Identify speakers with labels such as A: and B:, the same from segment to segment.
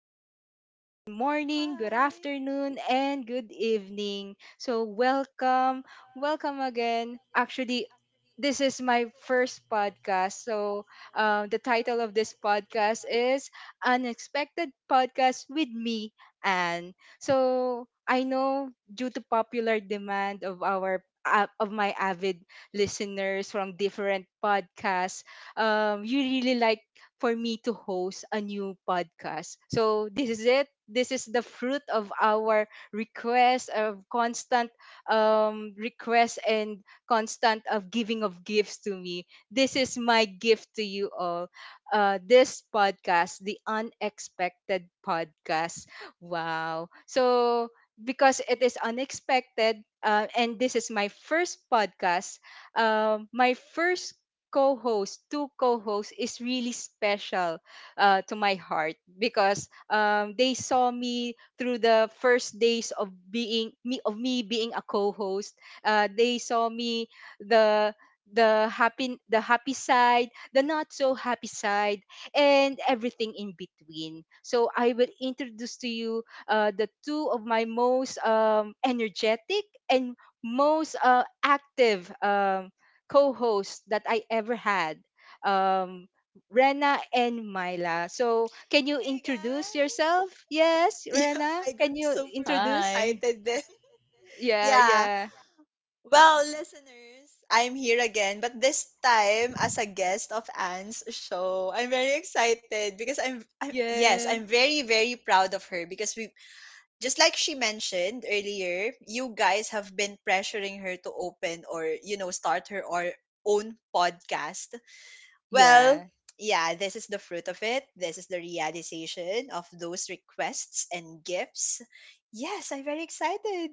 A: Hi. Good morning, good
B: Hi.
A: afternoon, and good evening. So, welcome. Welcome again. Actually, this is my first podcast. So, the title of this podcast is Unexpected Podcast with me and so I know due to popular demand of our of my avid listeners from different podcasts, you really like for me to host a new podcast. So this is it. This is the fruit of our request of constant requests and constant of giving of gifts to me. This is my gift to you all. This podcast, the unexpected podcast. Wow. So because it is unexpected, and this is my first podcast, my first co-host, two co-hosts, is really special to my heart because they saw me through the first days of being me of me being a co-host. They saw me the the happy side, the not so happy side, and everything in between. So I will introduce to you, the two of my most, energetic and most, active, co-hosts that I ever had, um, Rena and Myla. So, can you
B: Hey guys.
A: introduce yourself? Yes,
B: Yeah,
A: Rena.
B: I got
A: Can you
B: super
A: introduce?
C: Hi.
B: excited then.
A: Yeah,
B: Yeah.
A: yeah,
B: Well, listeners, I'm here again, but this time as a guest of Anne's show. I'm very excited because I'm, I'm yes,
A: yeah,
B: I'm very very proud of her because we just like she mentioned earlier, you guys have been pressuring her to open or start her or own podcast. Well,
A: yeah.
B: yeah, this is the fruit of it. This is the realization of those requests and gifts. Yes, I'm very excited.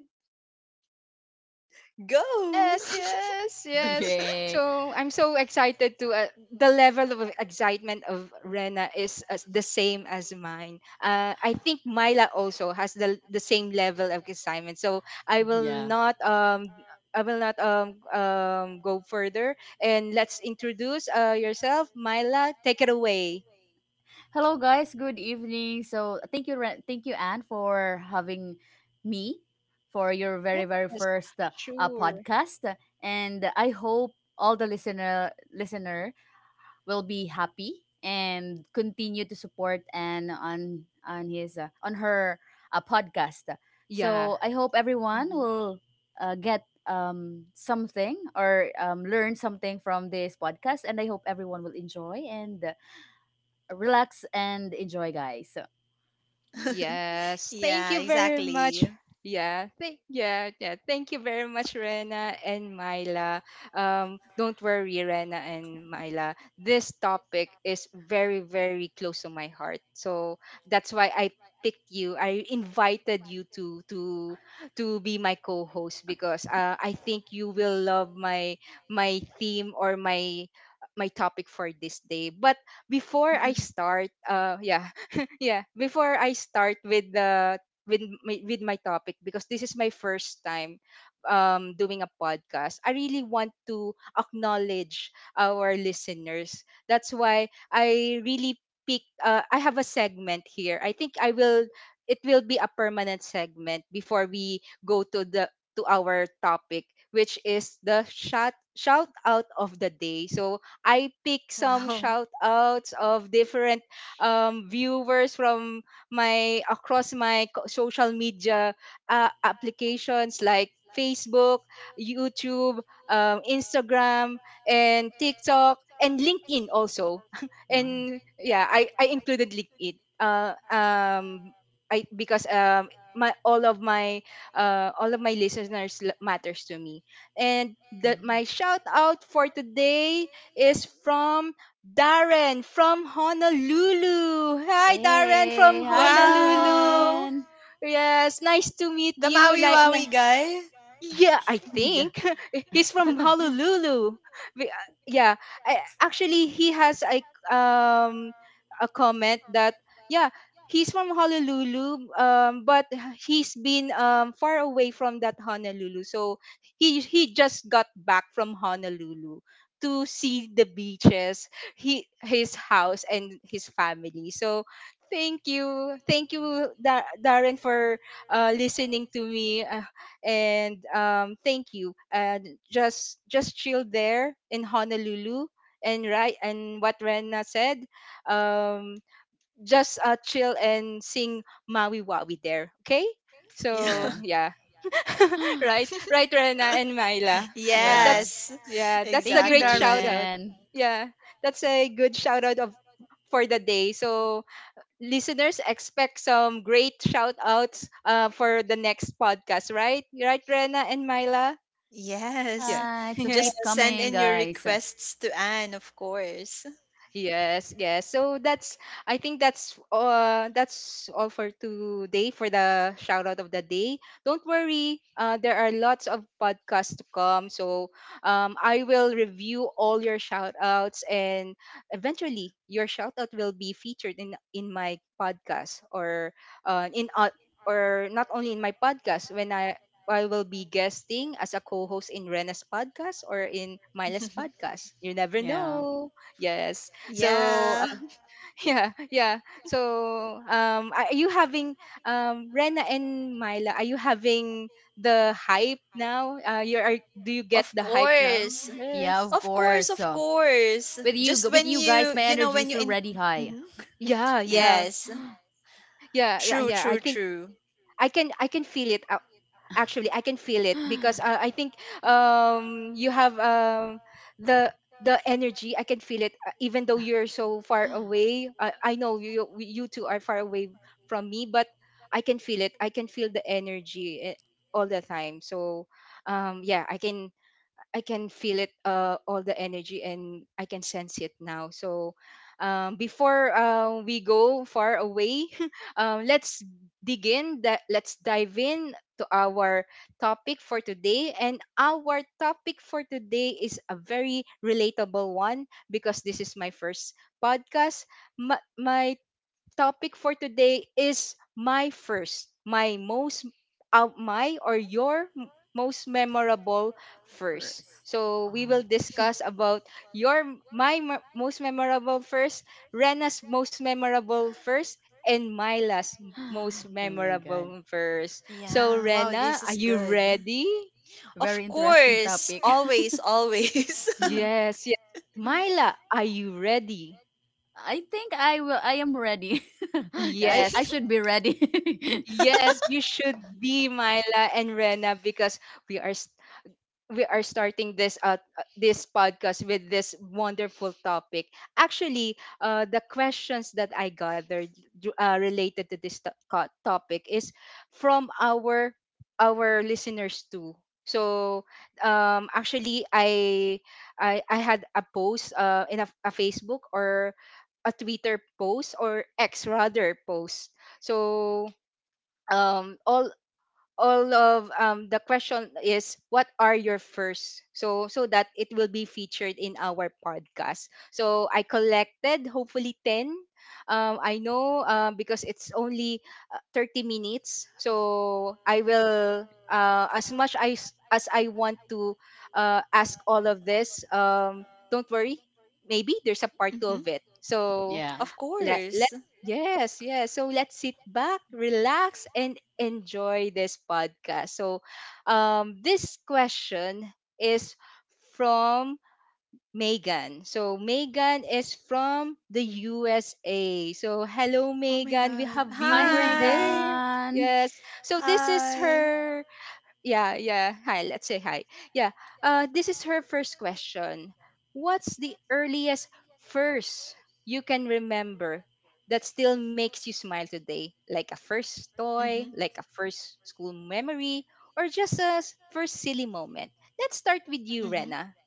B: Go!
A: Yes, yes, yes.
C: Yeah.
A: So I'm so excited to, the level of excitement of Rena is as the same as mine. I think Myla also has the same level of excitement. So I will
C: Yeah.
A: not um I will not go further, and let's introduce yourself, Myla. Take it away.
C: Hello, guys. Good evening. So, thank you, thank you, Anne, for having me for your
A: Yes,
C: very, very first
A: sure.
C: podcast. And I hope all the listener will be happy and continue to support and on his on her podcast.
A: Yeah.
C: So I hope everyone
B: Mhm.
C: will get something or learn something from this podcast, and I hope everyone will enjoy and relax and enjoy, guys.
A: Yes, thank
B: Yeah,
A: you very much.
B: exactly.
A: Yeah. Thank you very much, Rena and Myla. Don't worry, Rena and Myla. This topic is very, very close to my heart. So that's why I picked you. I invited you to be my co-host because, I think you will love my theme or my topic for this day. But before I start, yeah, yeah before I start with the with my topic. Because this is my first time doing a podcast, I really want to acknowledge our listeners. That's why I really pick, I have a segment here. I think I will it will be a permanent segment before we go to the to our topic, which is the shout out of the day. So I pick some
B: Wow.
A: shout outs of different, viewers from my across my co- social media, applications like Facebook, YouTube, Instagram, and TikTok, and LinkedIn also.
C: Wow
A: And yeah, I included LinkedIn. I because my all of my all of my listeners matters to me. And that
C: Mm.
A: my shout out for today is from Darren from Honolulu. Hi, Darren
C: Hey,
A: from
C: hi
A: Honolulu.
B: Wow!
C: Darren.
A: Yes, nice to meet
B: The
A: you.
B: Maui
A: Like,
B: Wawi guy?
A: yeah, I
C: Yeah.
A: think he's from Honolulu. Yeah, actually, he has a comment that yeah, he's from Honolulu, but he's been far away from that Honolulu, so he just got back from Honolulu to see the beaches, he his house and his family. So thank you, Darren, for listening to me and, thank you. And just chill there in Honolulu, and right and what Rena said, um, just chill and sing Maui Wawi there. Okay,
B: Yeah.
A: so
C: Yeah.
A: yeah, right, right, Rena and Myla.
C: Yeah.
A: That's
B: Yes.
A: yeah, that's a
C: Thank you,
A: great shout
B: Exactly.
A: out.
C: Darren.
A: Yeah, that's a good shout out of for the day. So listeners expect some great shout outs, for the next podcast, right? Right, Rena and Myla?
B: Yes.
A: Yeah.
C: Bye. So keep
B: Just send
C: coming,
B: in your
C: guys.
B: requests to Anne, of course.
A: Yes, yes. So that's, I think that's all for today for the shout out of the day. Don't worry, there are lots of podcasts to come. So I will review all your shout outs, and eventually your shout out will be featured in my podcast or in or not only in my podcast. When I will be guesting as a co-host in Rena's podcast or in Myla's podcast. You never
C: Yeah.
A: know. Yes. So
B: Yeah.
A: yeah, yeah. So are you having, Rena and Myla? Are you having the hype now? You are. Do you get
B: Of
A: the hype now?
B: course.
C: Yeah,
A: Yes.
C: of
B: Of course,
C: course.
B: of
C: So
B: course. Just
C: with
B: when
C: you guys,
B: you,
C: my
B: you know,
C: energy
B: when you
C: is
B: in.
C: already high.
B: Mhm.
A: Yeah, yeah,
B: Yes.
A: yeah, yeah,
B: True,
A: yeah. I
B: true,
A: think
B: true.
A: I can feel it. Uh, actually I can feel it because, I think you have, the energy, I can feel it, even though you're so far away. Uh, I know you two are far away from me, but I can feel it. I can feel the energy, all the time. So um yeah i can I can feel it, all the energy, and I can sense it now. So, before, we go far away, um, let's let's dive in to our topic for today, and our topic for today is a very relatable one because this is my first podcast. My topic for today is my first, my most, my or your most memorable first.
C: First.
A: So we
C: Wow.
A: will discuss about your m- my mo- most memorable first, Rena's most memorable first, and my most
C: Oh my god.
A: memorable first. So
B: Yeah. Wow,
A: Rena,
B: this
A: are
B: is
A: you
B: good.
A: ready?
C: Very
B: Of
C: interesting
B: course.
C: topic.
B: Always, always.
A: Yes, yes. Myla, are you ready?
C: I am ready. I
A: Yes,
C: I should be ready.
A: yes, you should be, Myla and Rena, because we are we are starting this, this podcast with this wonderful topic. Actually, the questions that I gathered related to this topic is from our listeners too. So actually, I had a post, in a Facebook or a Twitter post, or X rather post. So um all all of, the question is what are your first. So so that it will be featured in our podcast, so I collected hopefully 10. I know Because it's only, 30 minutes, so I will, as much as I want to, ask all of this. Don't worry, maybe there's a part two
B: Mhm.
A: of it. So
C: Yeah.
B: Of
A: let,
B: course.
A: yes yes, so let's sit back, relax, and enjoy this podcast. So this question is from Megan. So Megan is from the USA. So hello
B: Oh my
A: Megan, we
B: God.
A: have
C: Hi
A: viewer
B: Hi.
A: there.
C: Megan.
A: Yes. So this is
B: Hi.
A: her yeah, yeah. Hi, let's say hi. Yeah. This is her first question. What's the earliest first you can remember that still makes you smile today? Like a first toy,
B: Mm-hmm.
A: like a first school memory, or just a first silly moment? Let's start with you,
B: Mm-hmm.
A: Rena.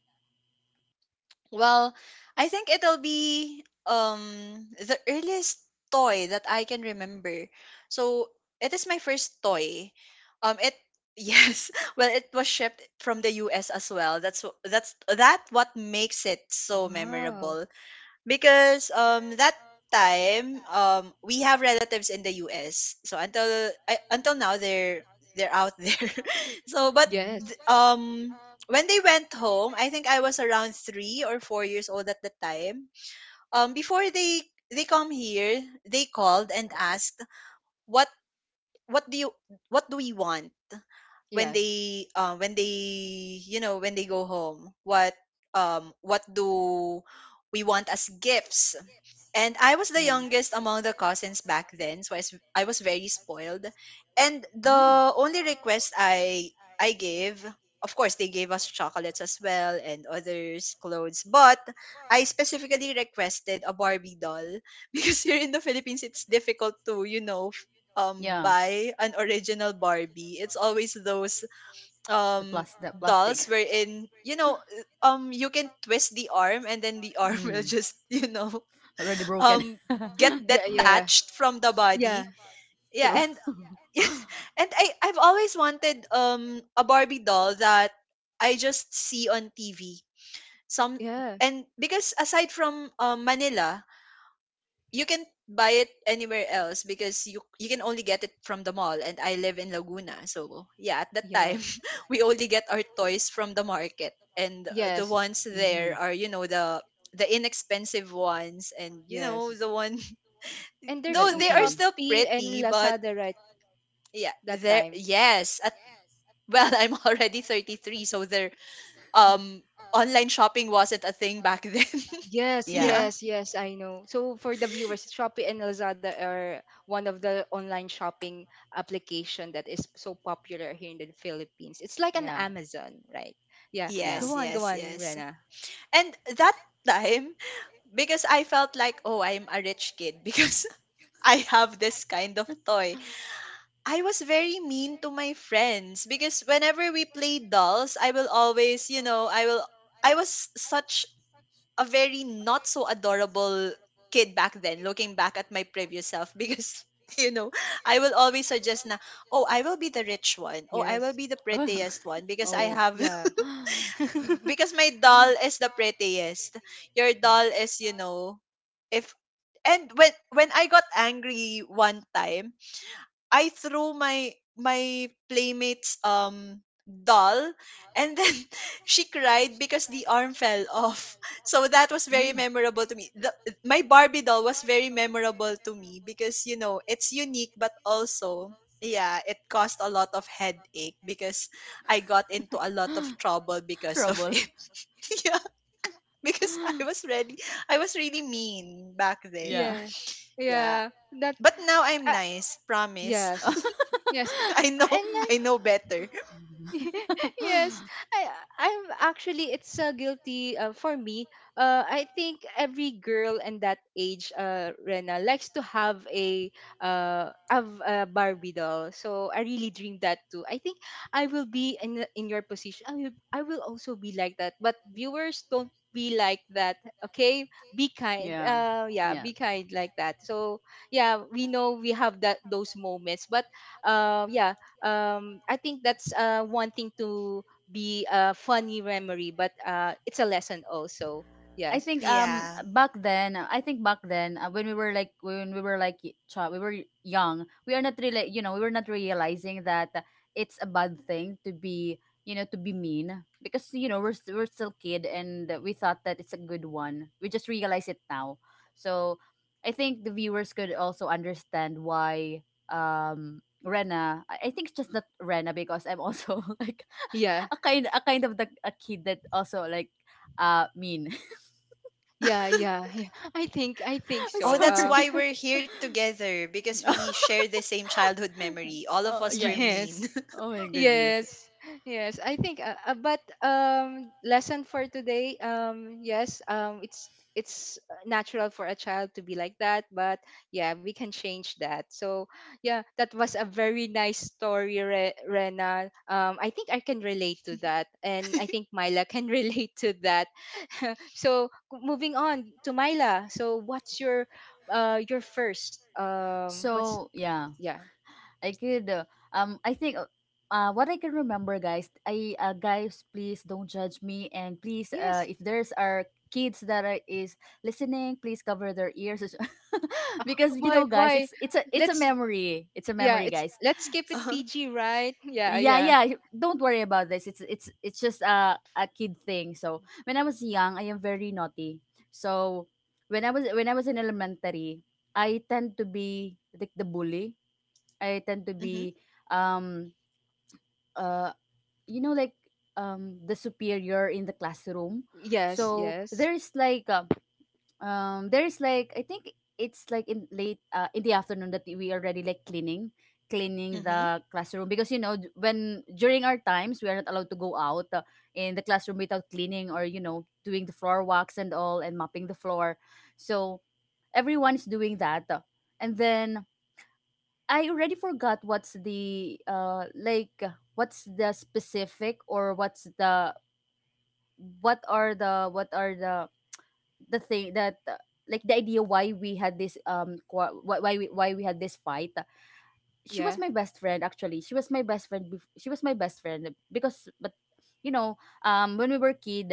B: Well, I think it'll be um the earliest toy that I can remember. So it is my first toy. It yes, well it was shipped from the US as well. That's that what makes it so
A: Wow.
B: memorable because that time we have relatives in the US, so until until now they're out there. So
C: Mhm.
A: Yes.
B: th- um when they went home, I think I was around 3 or 4 years old at the time. Before they come here, they called and asked what what do you what do we want when
A: Yes.
B: they, when they go home, what do we want as gifts. And I was the
C: Yeah.
B: youngest among the cousins back then, so I was very spoiled, and
C: Mm.
B: the only request I gave, of course they gave us chocolates as well and others clothes, but I specifically requested a Barbie doll because here in the Philippines it's difficult to,
C: Yeah,
B: buy an original Barbie. It's always those
C: the plus the
B: dolls
C: plastic.
B: wherein, you know, you can twist the arm and then the arm will
C: Mm.
B: just, you know,
C: Already broken.
B: um get
A: Yeah, yeah.
B: detached from the
A: Yeah.
B: body. Yeah,
C: True.
B: and and I I've always wanted a Barbie doll that I just see on TV. Some
A: Yeah.
B: and Because aside from Manila, you can buy it anywhere else because you can only get it from the mall, and I live in Laguna, so yeah, at that
A: Yeah.
B: time we only get our toys from the market, and the
A: Yes.
B: ones there
C: Mm.
B: are, you know, the inexpensive ones and you know
A: Yes.
B: the one
A: And
C: That
A: there's
B: though
A: no
B: they are
C: easily.
B: still
A: Shopee
B: pretty.
A: and
B: But
A: Lazada right
B: yeah
A: that
B: there
A: time.
B: yes at Well, I'm already 33, so there um online shopping wasn't a thing back then.
A: Yes,
C: Yeah.
B: Yeah.
A: yes, yes, I know. So for the viewers, Shopee and Lazada are one of the online shopping application that is so popular here in the Philippines. It's like an
C: Yeah.
A: Amazon, right? Yeah.
C: Yeah.
A: Go
B: Yes,
A: on, go
B: yes,
A: on,
B: yes.
A: Rena.
B: And that time, because I felt like, oh, I'm a rich kid because I have this kind of toy. I was very mean to my friends because whenever we played dolls, I will always, you know, I was such a very not so adorable kid back then, looking back at my previous self. Because, you know, I will always suggest na, oh, I will be the rich one. Oh, I will
A: Yes.
B: be the
C: Oh.
B: prettiest one because I
A: Oh,
B: have,
A: yeah.
C: this.
B: because my doll
C: Oh.
B: is the prettiest. Your doll is, you know, if and when I got angry one time, I threw my playmate's doll, and then she cried because the arm fell off. So that was very memorable to me. My Barbie doll was very memorable to me because, you know, it's unique, but also yeah, it caused a lot of headache because I got into a lot of trouble because of it. Yeah, because I was really mean back then.
C: Yeah.
A: yeah.
B: Yeah.
A: Yeah. That
B: But now
C: But
B: I'm
A: uh,
B: nice, promise.
A: yes. Yes.
B: I know,
A: And I
B: I know better.
A: yes, i I'm actually it's guilty, for me. I think every girl in that age, Rena, likes to have a Barbie doll. So I really dream that too. I think I will be in your position, I will also be like that. But viewers, don't be like that, okay? be kind
C: yeah.
A: Yeah,
C: Yeah.
A: be kind like that. So yeah, we know we have that those moments, but um yeah I think that's, one thing to be a funny memory, but, it's a lesson also.
C: I
A: Yes.
C: think
A: S-
B: Yeah.
C: Back then, when we were like we were young, we are not really, you know, we were not realizing that it's a bad thing to be, you know, to be mean, because, you know, we're still kid, and we thought that it's a good one. We just realize it now. So I think the viewers could also understand why, Rena, I think it's just not Rena, because I'm also like
A: Yeah.
C: a kind of the a kid that also like mean.
A: Yeah. Yeah. Yeah. I think
C: I'm
B: Oh,
A: so.
B: that's
C: sorry.
B: why we're here together, because we share the same childhood memory. All of
C: Oh
B: us were
C: yeah.
A: Yes.
B: mean.
C: Oh my goodness.
A: Yes, yes. I think, but lesson for today. Yes. It's natural for a child to be like that, but yeah, we can change that. So yeah, that was a very nice story, Rena. I think I can relate to that, and I think Myla can relate to that. So moving on to Myla. So what's your, your first um? What's
C: So yeah,
A: yeah?
C: I could. I think. What I can remember, guys, I guys, please don't judge me, and please,
A: Yes.
C: if there's are kids that is listening, please cover their ears, because, you know,
A: Why
C: guys,
A: why?
C: it's a
A: Let's
C: memory. It's a
A: Yeah,
C: memory,
A: it's
C: guys.
A: let's keep it
B: Uh-huh.
A: PG, right? Yeah,
C: Yeah,
A: yeah.
C: yeah. Don't worry about this. It's just a kid thing. So when I was young, I am very naughty. So when I was in elementary, I tend to be like the bully. I tend to
B: Mhm.
C: be um uh you know, like, the superior in the classroom.
A: Yes,
C: So
A: yes.
C: there is like, there's like, I think, it's like in late, in the afternoon, that we already like cleaning
B: Mhm.
C: the classroom, because, you know, when during our times we are not allowed to go out, in the classroom without cleaning, or, you know, doing the floor walks and all, and mopping the floor. So everyone is doing that, and then I already forgot what's the, like, what's the specific, or what's the, what are the thing that, like, the idea why we had this why we had this fight.
A: Yeah,
C: She was my best friend, she was my best friend, because, but, you know, when we were kid,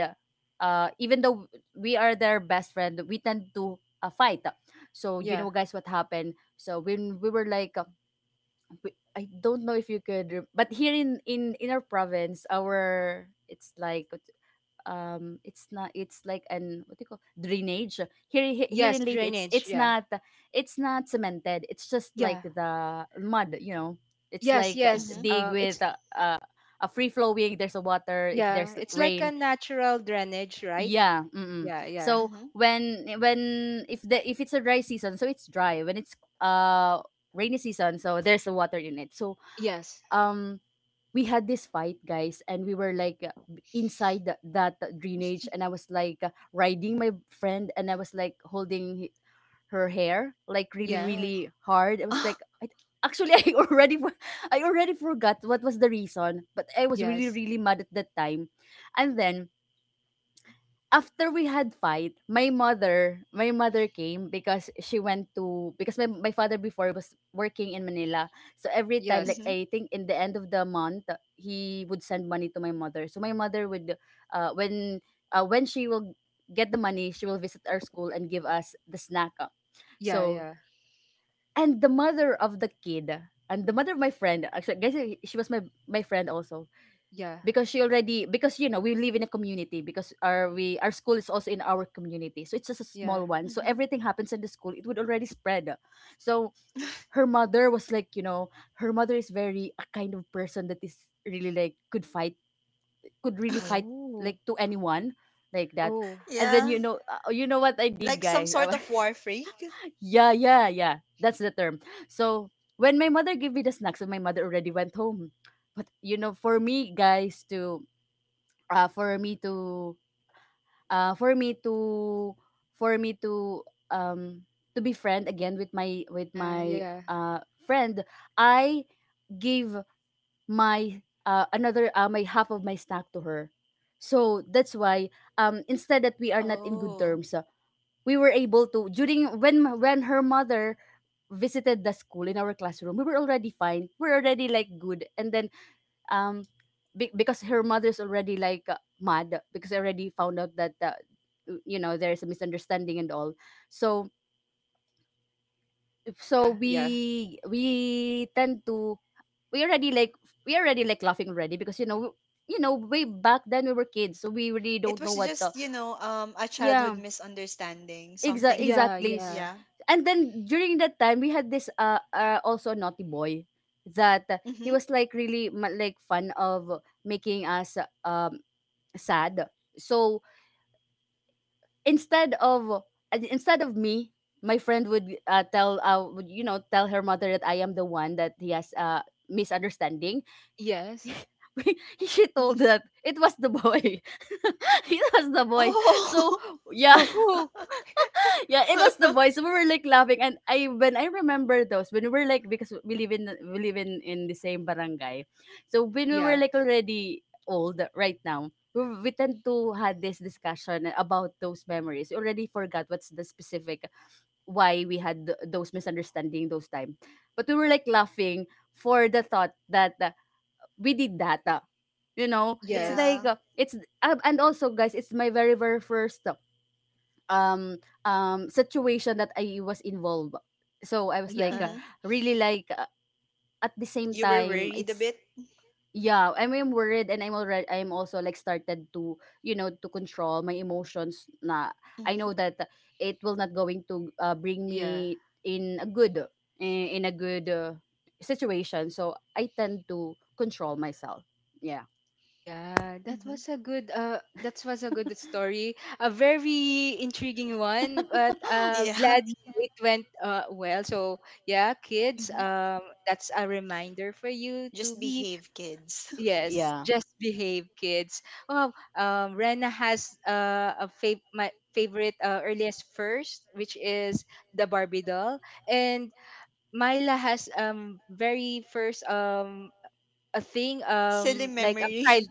C: even though we are their best friend, we tend to, fight. So, you
A: yeah.
C: know, guys, what happened, so when we were like, we- I don't know if you could but here in, in our province, our, it's like, it's not, it's like an, what do you call, drainage. Here, here
A: Yes,
C: in Leyte,
A: drainage. Yeah,
C: it's not cemented. It's just like
A: yeah.
C: the mud, you know, it's
A: Yes,
C: like a, yes,
A: yes.
B: Mhm.
C: dig with
A: It's
C: a free flowing, there's a water if there's
A: yeah, it's like a
C: rain.
A: natural drainage, right?
C: Yeah, mm-mm.
A: Yeah, yeah.
C: So
B: Mhm.
C: when, if the, if it's a dry season, so it's dry, when it's, uh rainy season, so there's a water in it. So,
A: Yes,
C: um we had this fight, guys, and we were like, inside the, that drainage, and I was like, riding my friend, and I was like holding, her hair, like really
A: yes,
C: really hard. I was like I, Actually, I already I already forgot what was the reason, but I was really
A: yes,
C: really mad at that time. And then, after we had fight, my mother came, because she went to, because my father before was working in Manila. So every time,
A: yes.
C: like, I think in the end of the month, he would send money to my mother. So my mother would, uh when when she will get the money, she will visit our school and give us the snack. Uh.
A: Yeah,
C: So,
A: yeah,
C: and the mother of the kid, and the mother of my friend, actually, I guess, she was my, my friend also,
A: yeah,
C: because she already, because, you know, we live in a community, because our we, our school is also in our community, so it's just a
A: yeah.
C: small one, so
B: Hmm.
C: everything happens in the school, it would already spread. So her mother was like, you know, her mother is very a kind of person that is really like, could fight, could really fight
A: Oh,
C: like, to anyone like that.
A: oh.
C: And then, you
B: Yeah,
C: know, you know what I did,
B: like some
C: guys? I
B: sort
C: was,
B: of war freak.
C: yeah, that's the term. So when my mother gave me the snacks, so my mother already went home, but, you know, for me, guys, to, for me to for me to for me um to be friend again with
A: Yeah,
C: my
A: yeah,
C: uh friend, I gave my, another my half of my snack to her. So that's why, instead that we are not in good
B: Oh.
C: terms, we were able to, during when her mother visited the school in our classroom, we were already fine, we're already like good. And then, um because her mother's already like, mad, because I already found out that, you know, there's a misunderstanding and all. So,
A: yeah, yeah,
C: we tend to, we already like, laughing already, because, you know, you know, way back then, we were kids, so we really
B: It
C: don't know
B: was
C: what the,
B: just, a childhood
C: yeah,
B: misunderstanding, something.
A: yeah,
C: exactly.
A: yeah.
B: Yeah.
C: And then during that time, we had this, also naughty boy, that, he
B: Mm-hmm.
C: was like really, like fun of making us uh sad. So instead of, me, my friend would, tell would, you know, tell her mother that I am the one that he has misunderstanding.
A: Yes.
C: She told that it was the boy. It was the boy. So
B: Oh.
C: yeah,
A: Ho ho.
C: yeah, it was the boys. We were like laughing, and I, when I remember those, when we were like, because we live in, we live in the same barangay, so when we were
A: Yeah.
C: like already old right now, we tend to had this discussion about those memories. We already forgot what's the specific why we had those misunderstanding those time, but we were like laughing for the thought that, we did that. You know, it's
A: Yes.
C: like,
B: Yeah.
C: it's and also, guys, it's my very very first. Um Situation that I was involved. So I was like,
A: Yeah.
B: Mhm.
C: really like at the same
B: You were
C: time,
B: worried a
C: it's,
B: bit?
C: yeah, I am worried, and I'm already, I'm also like started to, you know, to control my emotions, na, I
B: Mm-hmm.
C: know that it will not going to, bring
A: Yeah.
C: me in a good, in a good, situation. So I tend to control myself. Yeah.
A: Yeah, that
B: Mm-hmm.
A: was a good that was a good story. A very intriguing one, but,
B: Yeah.
A: gladly it went well. So yeah, kids,
B: Mm-hmm.
A: that's a reminder for you
B: Just
A: to be
B: behave, kids.
A: yes,
C: Yeah.
A: just behave, kids. Oh, Rena has a fav my favorite earliest first, which is the Barbie doll, and Myla has very first a thing
B: Silly
A: like a
B: memory.
A: child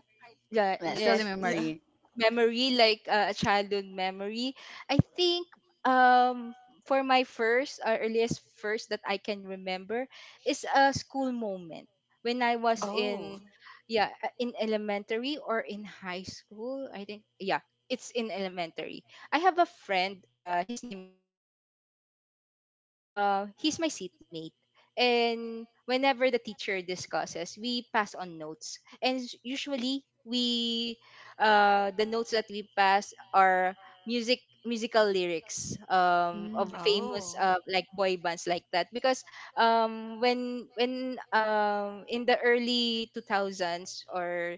A: yeah,
C: Yeah, still
A: yes,
C: in
B: Yeah.
C: memory.
A: memory like a childhood memory I think. um for my first or earliest first that I can remember is a school moment when I was
B: Oh.
A: in, yeah, in elementary or in high school, I think. Yeah, it's in elementary. I have a friend, his name is DJ, so he's my seatmate, and whenever the teacher discusses, we pass on notes, and usually we, the notes that we pass are musical lyrics,
C: Mm.
A: of famous
B: Oh.
A: like boy bands like that, because when in the early 2000s or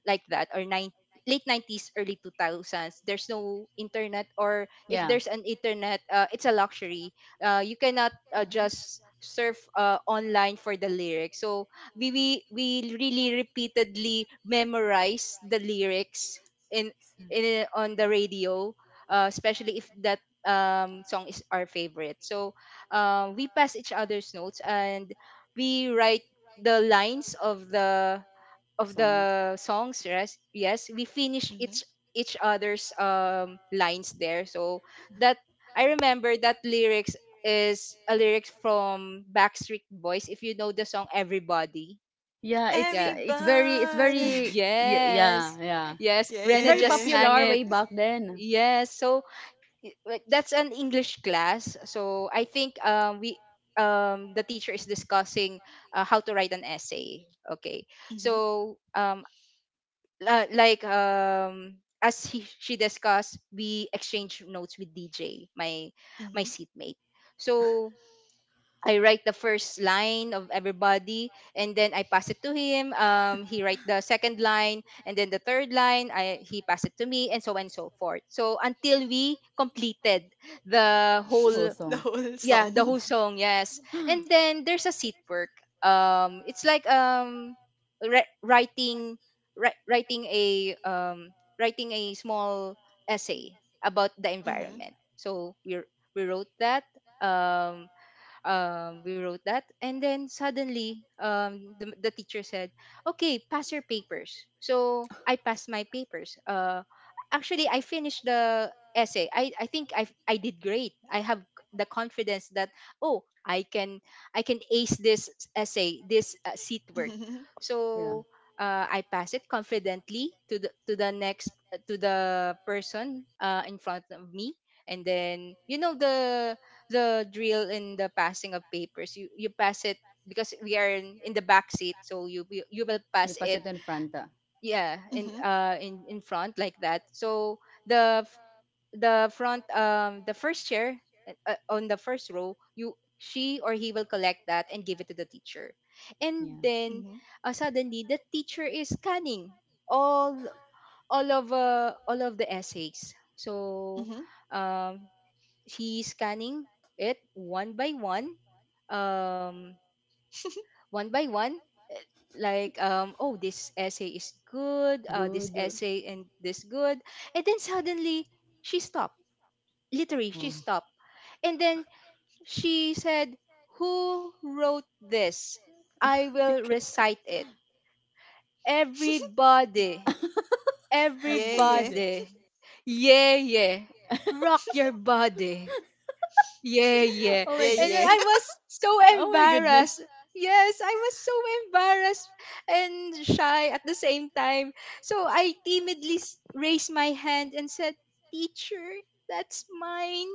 A: like that, or nine, late 90s, early 2000s, there's no internet, or if
C: Yeah,
A: there's an internet, it's a luxury. You cannot,
B: Mm-hmm.
A: just surf online for the lyrics, so we really repeatedly memorize the lyrics in in, on the radio, especially if that song is our favorite. So we pass each other's notes and we write the lines of the, of
C: song.
A: the songs. Yes, yes, we finish
B: Mm-hmm.
A: each other's lines there. So that, I remember that lyrics is a lyrics from Backstreet Boys. If you know the song Everybody,
C: Yeah,
A: yeah.
C: it's
B: Everybody.
C: very, yeah,
A: Yes.
C: yeah.
A: Yes.
C: It's
A: Rena
C: very
A: just
B: Yeah.
A: sang
C: popular
A: it.
C: way back then.
A: Yes. So like, that's an English class. So I think we, the teacher is discussing how to write an essay. Okay.
B: Mm-hmm.
A: So like, as she discussed, we exchange notes with DJ, my my
B: Mm-hmm.
A: seatmate. So I write the first line of everybody, and then I pass it to him. He write the second line and then the third line. I he passed it to me and so on and so forth. So until we completed the
C: Whole
A: whole,
B: The
C: song.
B: whole
A: yeah, the
B: song.
A: whole song. Yes. And then there's a seat work. It's like writing writing a writing a small essay about the
B: Mm-hmm.
A: environment. So we wrote that. Um, we wrote that and then suddenly the teacher said, okay, pass your papers. So I passed my papers. Actually, I finished the essay. I think I did great. I have the confidence that, oh, I can, I can ace this essay, this seat work.
B: Mm-hmm.
C: Yeah.
A: So I pass it confidently to the, to the next, to the person in front of me, and then, you know, the drill in the passing of papers. You pass it, because we are in the back seat, so you will pass it.
C: Front. Ah.
A: Yeah, in
B: Mm-hmm.
A: in front like that. So the f- the front, the first chair, on the first row, you, she or he will collect that and give it to the teacher, and
C: Yeah.
A: then
B: Mm-hmm.
A: suddenly the teacher is scanning all, all of the essays. So.
B: Mhm.
A: Um, She's scanning it um, one by one, eh, like, oh, this essay is good, this essay and this good, and then suddenly she stopped. Literally, she stopped, and then she said, "Who wrote this? I
C: Oh.
A: will recite it. Everybody,
B: Yeah, yeah.
A: everybody, yeah, yeah, rock your body." Yeah, yeah.
B: Yeah,
A: And then
B: yeah.
A: I was so
C: Will.
A: embarrassed. Yes, I was so embarrassed and shy at the same time. So I timidly raised my hand and said, "Teacher, that's mine.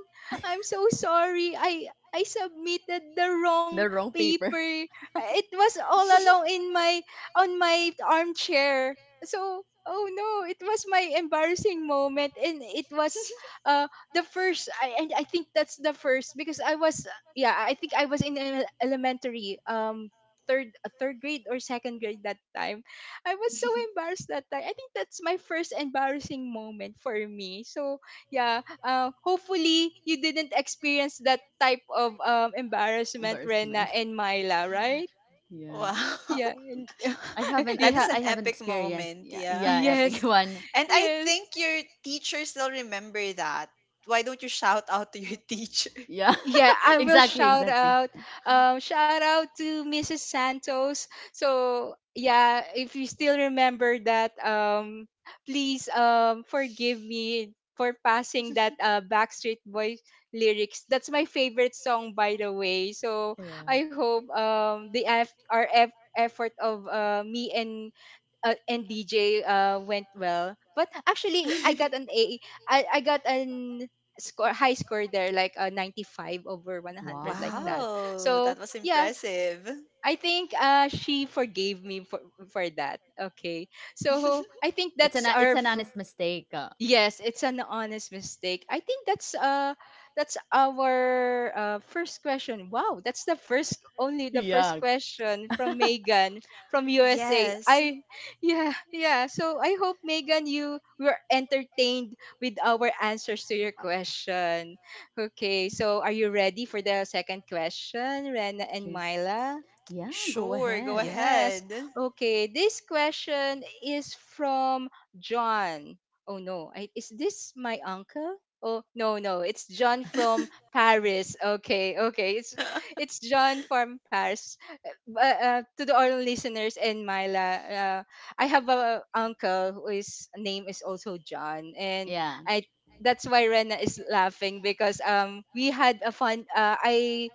A: I'm so sorry. I submitted the wrong paper. It was all along in my, on my armchair." So, oh no, it was my embarrassing moment, and it was uh the first, I, and I think that's the first because I was, yeah, I think I was in elementary, third, third grade or second grade that time. I was so embarrassed that time. I think that's my first embarrassing moment for me. So yeah, hopefully you didn't experience that type of embarrassment, Rena and Myla,
C: Jetta and Myla,
A: right?
C: right?
B: Wow.
A: Yeah and-
C: Yeah.
A: you,
B: That
C: Yeah.
B: is an epic moment, yeah.
A: yes
C: One.
B: And I
A: yes.
B: think your teacher still remember that. Why don't you shout out to your teacher?
C: Yeah.
A: Yeah, I
C: Wow.
A: will shout out. Shout out to Mrs. Santos. So yeah, if you still remember that, please forgive me for passing that Backstreet Boys lyrics. That's my favorite song, by the way. So
C: Yeah.
A: I hope our effort of me and DJ went well. But actually, I got an A. I got an score, high score there, like a 95 over 100, like that.
B: Wow,
A: So
B: that was
A: yeah,
B: impressive.
A: I think she forgave me for that. Okay,
C: That.
A: so I think that's our,
C: Mistake.
A: yes, it's an honest mistake. I think that's our first question. Wow, that's the first, only the first question from Megan from USA.
B: Yes.
A: I yeah, yeah. So I hope, Megan, you were entertained with our answers to your question. Okay, so are you ready for the second question, Rena and Myla?
C: Yeah, go.
B: Sure, go
A: Yes.
B: ahead.
A: Okay. This question is from John. Oh no. I, is this my uncle? Oh no, no. It's John from Paris. Okay. Okay. It's John from Paris, to the all listeners and Myla, I have a uncle who is name is also John, and
C: Yeah.
A: I, that's why Rena is laughing, because we had a fun. I.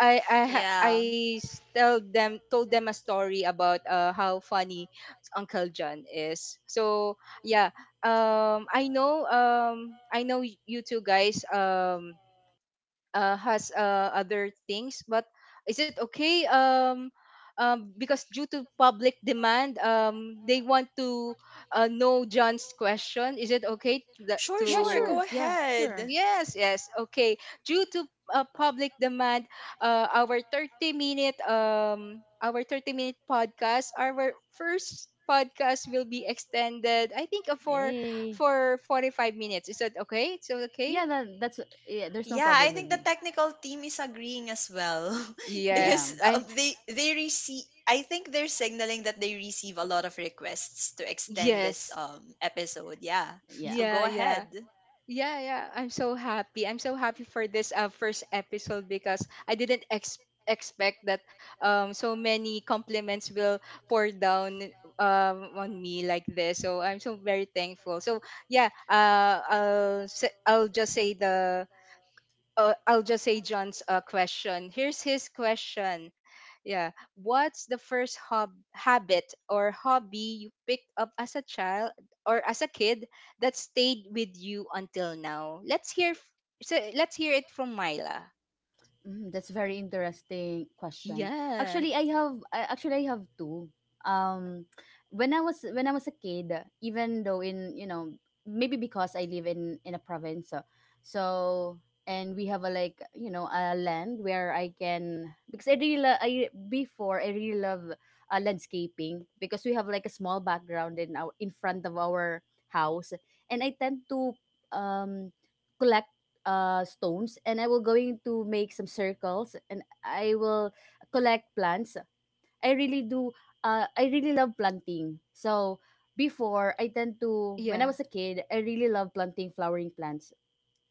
A: I
B: Yeah.
A: tell them, told them a story about how funny Uncle John is. So yeah, I know, I know you two guys has other things, but is it okay, because due to public demand, they want to know John's question, is it okay that
B: Sure, sure,
A: to,
B: go
A: yeah,
B: ahead.
A: yes, yes, okay. Due to public demand, our 30 minute, our 30-minute podcast, our first podcast, will be extended, I think, for 45 minutes. Is that okay? It's okay.
C: Yeah, there's no
B: Yeah, I
C: problem with.
B: think the technical team is agreeing as well
A: Yes,
C: Yeah.
B: because
A: I.
B: they receive, I think they're signaling that they receive a lot of requests to extend this
A: Yes.
B: episode. Yeah.
C: Yeah.
B: So go
A: Yeah, yeah.
B: ahead.
A: Yeah, yeah. I'm so happy. I'm so happy for this first episode, because I didn't expect that so many compliments will pour down on me like this. So I'm so very thankful. So yeah, I'll I'll just say the I'll just say John's question. Here's his question. Yeah. What's the first habit or hobby you picked up as a child or as a kid that stayed with you until now? So let's hear it from Myla.
C: Mm, that's very interesting question.
A: Yeah.
C: Actually, actually I have two. Um, when I was a kid, even though in, you know, maybe because I live in a province, so, and we have a, like, you know, a land where I can, because I really lo- I before I really love landscaping, because we have like a small background in our, in front of our house, and I tend to um collect stones, and I will going to make some circles, and I will collect plants. I really do. I really love planting. So before, I tend to, when I
A: Yeah.
C: was a kid, I really love planting flowering plants.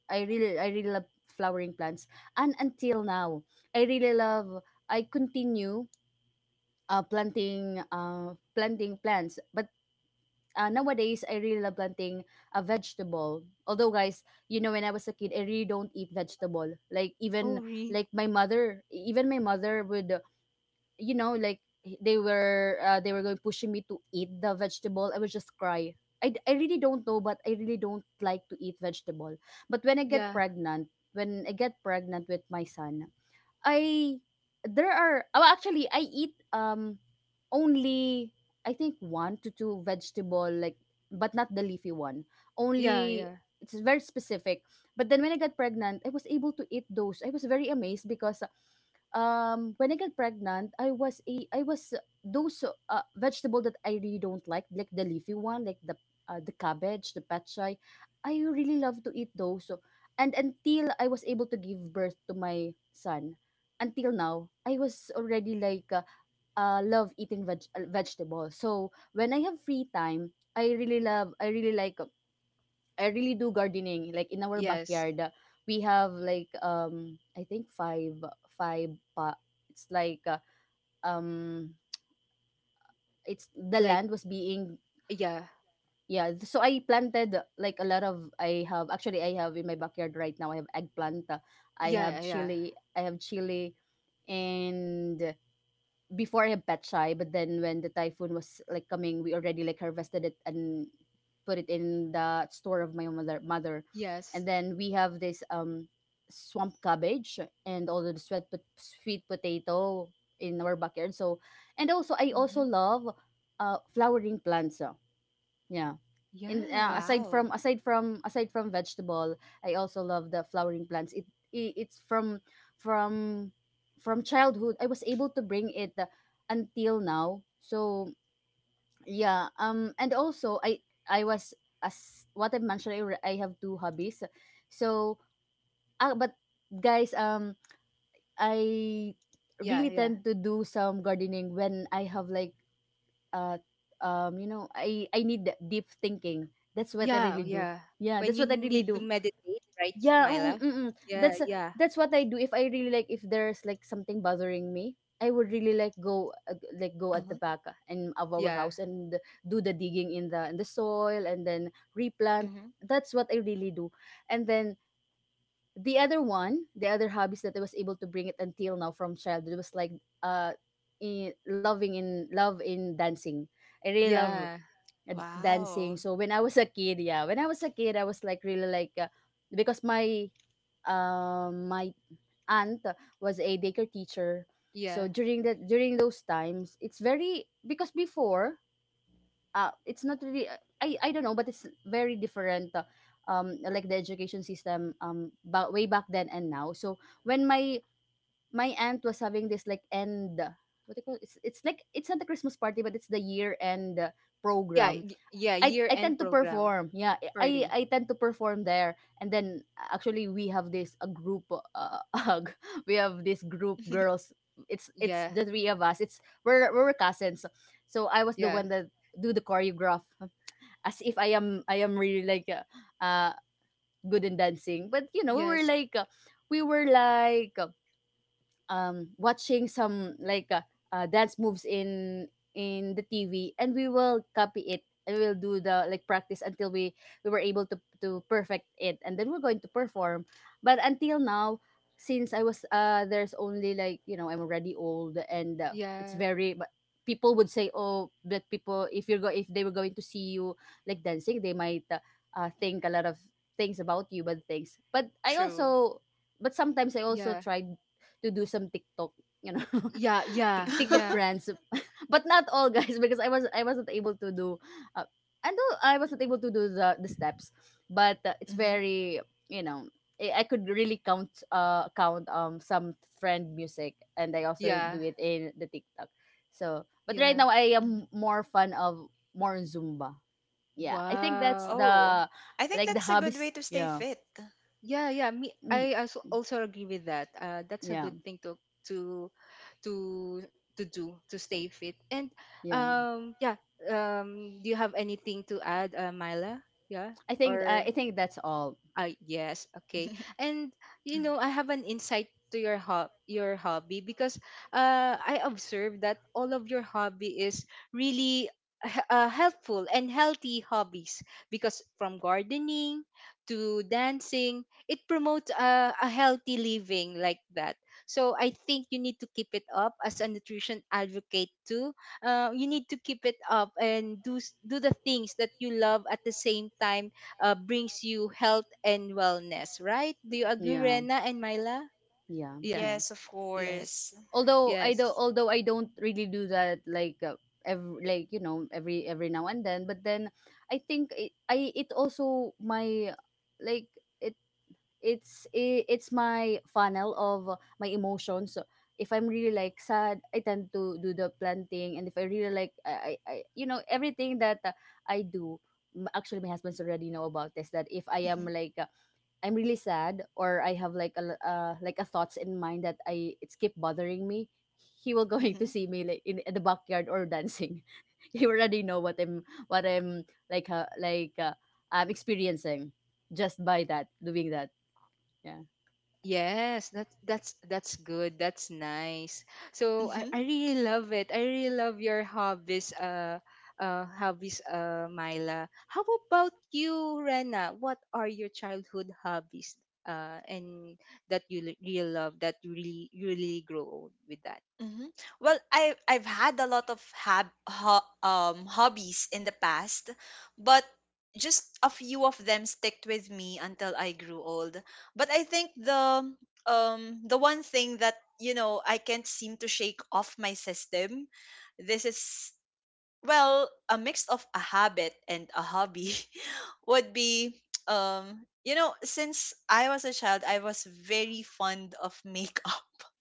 C: I really love flowering plants. And until now, I really love, I continue planting plants, but, nowadays I really love planting a vegetable. Although, guys, you know, when I was a kid, I really don't eat vegetable. Like
A: Oh,
C: even
A: re-
C: like my mother, even my mother would like they were going pushing me to eat the vegetable. I would just cry. I really don't know, but I really don't like to eat vegetable. But when I get
A: yeah.
C: pregnant, when I get pregnant with my son, I there are oh actually I eat only I think one to two vegetable, like but not the leafy one.
A: Yeah,
C: Only
A: yeah.
C: it's very specific. But then when I got pregnant, I was able to eat those. I was very amazed because when I got pregnant, I was those vegetable that I really don't like the leafy one, like the cabbage, the petchay. I really love to eat those. So, and until I was able to give birth to my son, until now, I was already like love eating vegetables. So when I have free time, I really do gardening. Like in our
A: Yes.
C: backyard, we have like I think five pa it's like um it's the
A: Like
C: land was being.
A: yeah.
C: Yeah, so I planted like a lot of I have in my backyard right now. I have eggplant, I have
A: Yeah, yeah.
C: chili, I have chili and before I'm a pet shy, but then when the typhoon was like coming, we already like harvested it and put it in the store of my mother,
A: Yes.
C: and then we have this swamp cabbage and all the sweet potato in our backyard. So, and also I also
B: Hmm.
C: love flowering plants, yeah. And
A: Yes.
C: aside from
B: Wow.
C: aside from aside from vegetable, I also love the flowering plants. It's from from childhood. I was able to bring it until now. So yeah, and also I was as what I mentioned, I have two hobbies. So, but guys, I
A: Yeah,
C: really
A: yeah.
C: tend to do some gardening when I have like uh you know, I need that deep thinking. That's what I really
A: Yeah,
C: do.
A: yeah.
C: Yeah,
A: When
C: that's
A: you
C: what I really
A: need to
C: do.
B: Mhm.
A: meditate, right,
C: yeah mm, mm,
A: Myla?
C: mm, mm.
A: Yeah,
C: that's
A: yeah,
C: that's what I do. If there's like something bothering me, I would really like go, like go at
B: Uh-huh.
C: the back, and of our
A: yeah,
C: house, and do the digging in the soil, and then replant.
B: Mhm.
C: That's what I really do. And then the other hobbies that I was able to bring it until now from childhood was like, uh in love in dancing. I really love
A: yeah,
C: and
B: Wow.
C: dancing. So when I was a kid, yeah, when I was a kid I was like really because my, um my aunt was a daycare teacher. So
A: yeah,
C: during those times, it's very because before, it's not really, I don't know, but it's very different. Like the education system, way back then and now. So when my, aunt was having this like end, what do you call it's, it's not the Christmas party, but it's the year end
A: yeah,
C: program,
A: yeah.
C: I tend
A: Year-end
C: to
A: program
C: perform. Yeah, I
A: party.
C: I tend to perform there, and then actually we have this a group. We have this group girls. It's
A: Yeah,
C: the three of us. It's we're cousins. So I was the
A: yeah,
C: one that do the choreograph, as if I am really like, uh good in dancing. But
A: yes,
C: we were like watching some like, dance moves in the TV, and we will copy it and we'll do the like practice until we were able to perfect it, and then we're going to perform. But until now, since I was, there's only like, I'm already old, and it's
A: yeah,
C: very, but people would say, oh, that people, if you're go if they were going to see you like dancing, they might,
B: Mhm.
C: think a lot of things about you, but things, but I
B: True.
C: also, but sometimes I also
A: yeah,
C: tried to do some TikTok, you know,
A: yeah, yeah,
C: TikTok
A: yeah,
C: trends, but not all, guys, because I wasn't able to do, uh, I know I wasn't able to do the steps, but, it's
B: Mhm.
C: very, I could really count count some trend music, and I also
A: yeah,
C: do it in the TikTok. So, but right
A: yeah.
C: now I
B: Mhm.
C: am more fan of more Zumba. Yeah, I think that's
A: Wow.
B: Oh,
C: the
B: I think
C: like the
B: that's a good
C: hobbies.
B: way to stay
C: Yeah.
B: fit.
A: Yeah, yeah. Me,
C: Mm.
A: I also also agree with that. That's a
C: Yeah,
A: good thing to to to do to stay fit. And
C: yeah.
A: yeah. Do you have anything to add, Myla? Yeah,
C: I think
A: or
C: I think that's all.
A: yes, okay. And you know, I have an insight to your your hobby, because I observed that all of your hobby is really helpful and healthy hobbies, because from gardening to dancing, it promotes a healthy living like that. So I think you need to keep it up as a nutrition advocate too. You need to keep it up and do do the things that you love, at the same time brings you health and wellness, right? Do you agree,
C: Yeah.
A: Rena and Myla?
C: Yeah,
A: Yeah,
C: yeah.
B: Yes, of
A: yes,
B: course.
A: yes.
C: Although I don't really do that like, every like you know every now and then. But then I think it, I it also my like it it's my funnel of, my emotions. So if I'm really like sad, I tend to do the planting. And if I really like, everything that, I do. Actually, my husband's already know about this, that if I am
B: Mhm.
C: like, I'm really sad, or I have like like a thoughts in mind that I it's keep bothering me, he will going to
B: Mhm.
C: see me like in the backyard or dancing. He already know what I'm like, I'm experiencing, just by that doing that. Yeah.
A: Yes, that's that's good. That's nice. So
B: Mm-hmm,
A: I really love it. I really love your hobbies, hobbies, Myla. How about you, Rena? What are your childhood hobbies, and that you really love, that you really grow old with that?
B: mm-hmm. Well, I I've had a lot of hab ho hobbies in the past, but just a few of them sticked with me until I grew old. But I think the one thing that, you know, I can't seem to shake off my system, this is, well, a mix of a habit and a hobby would be, you know, since I was a child, I was very fond of makeup.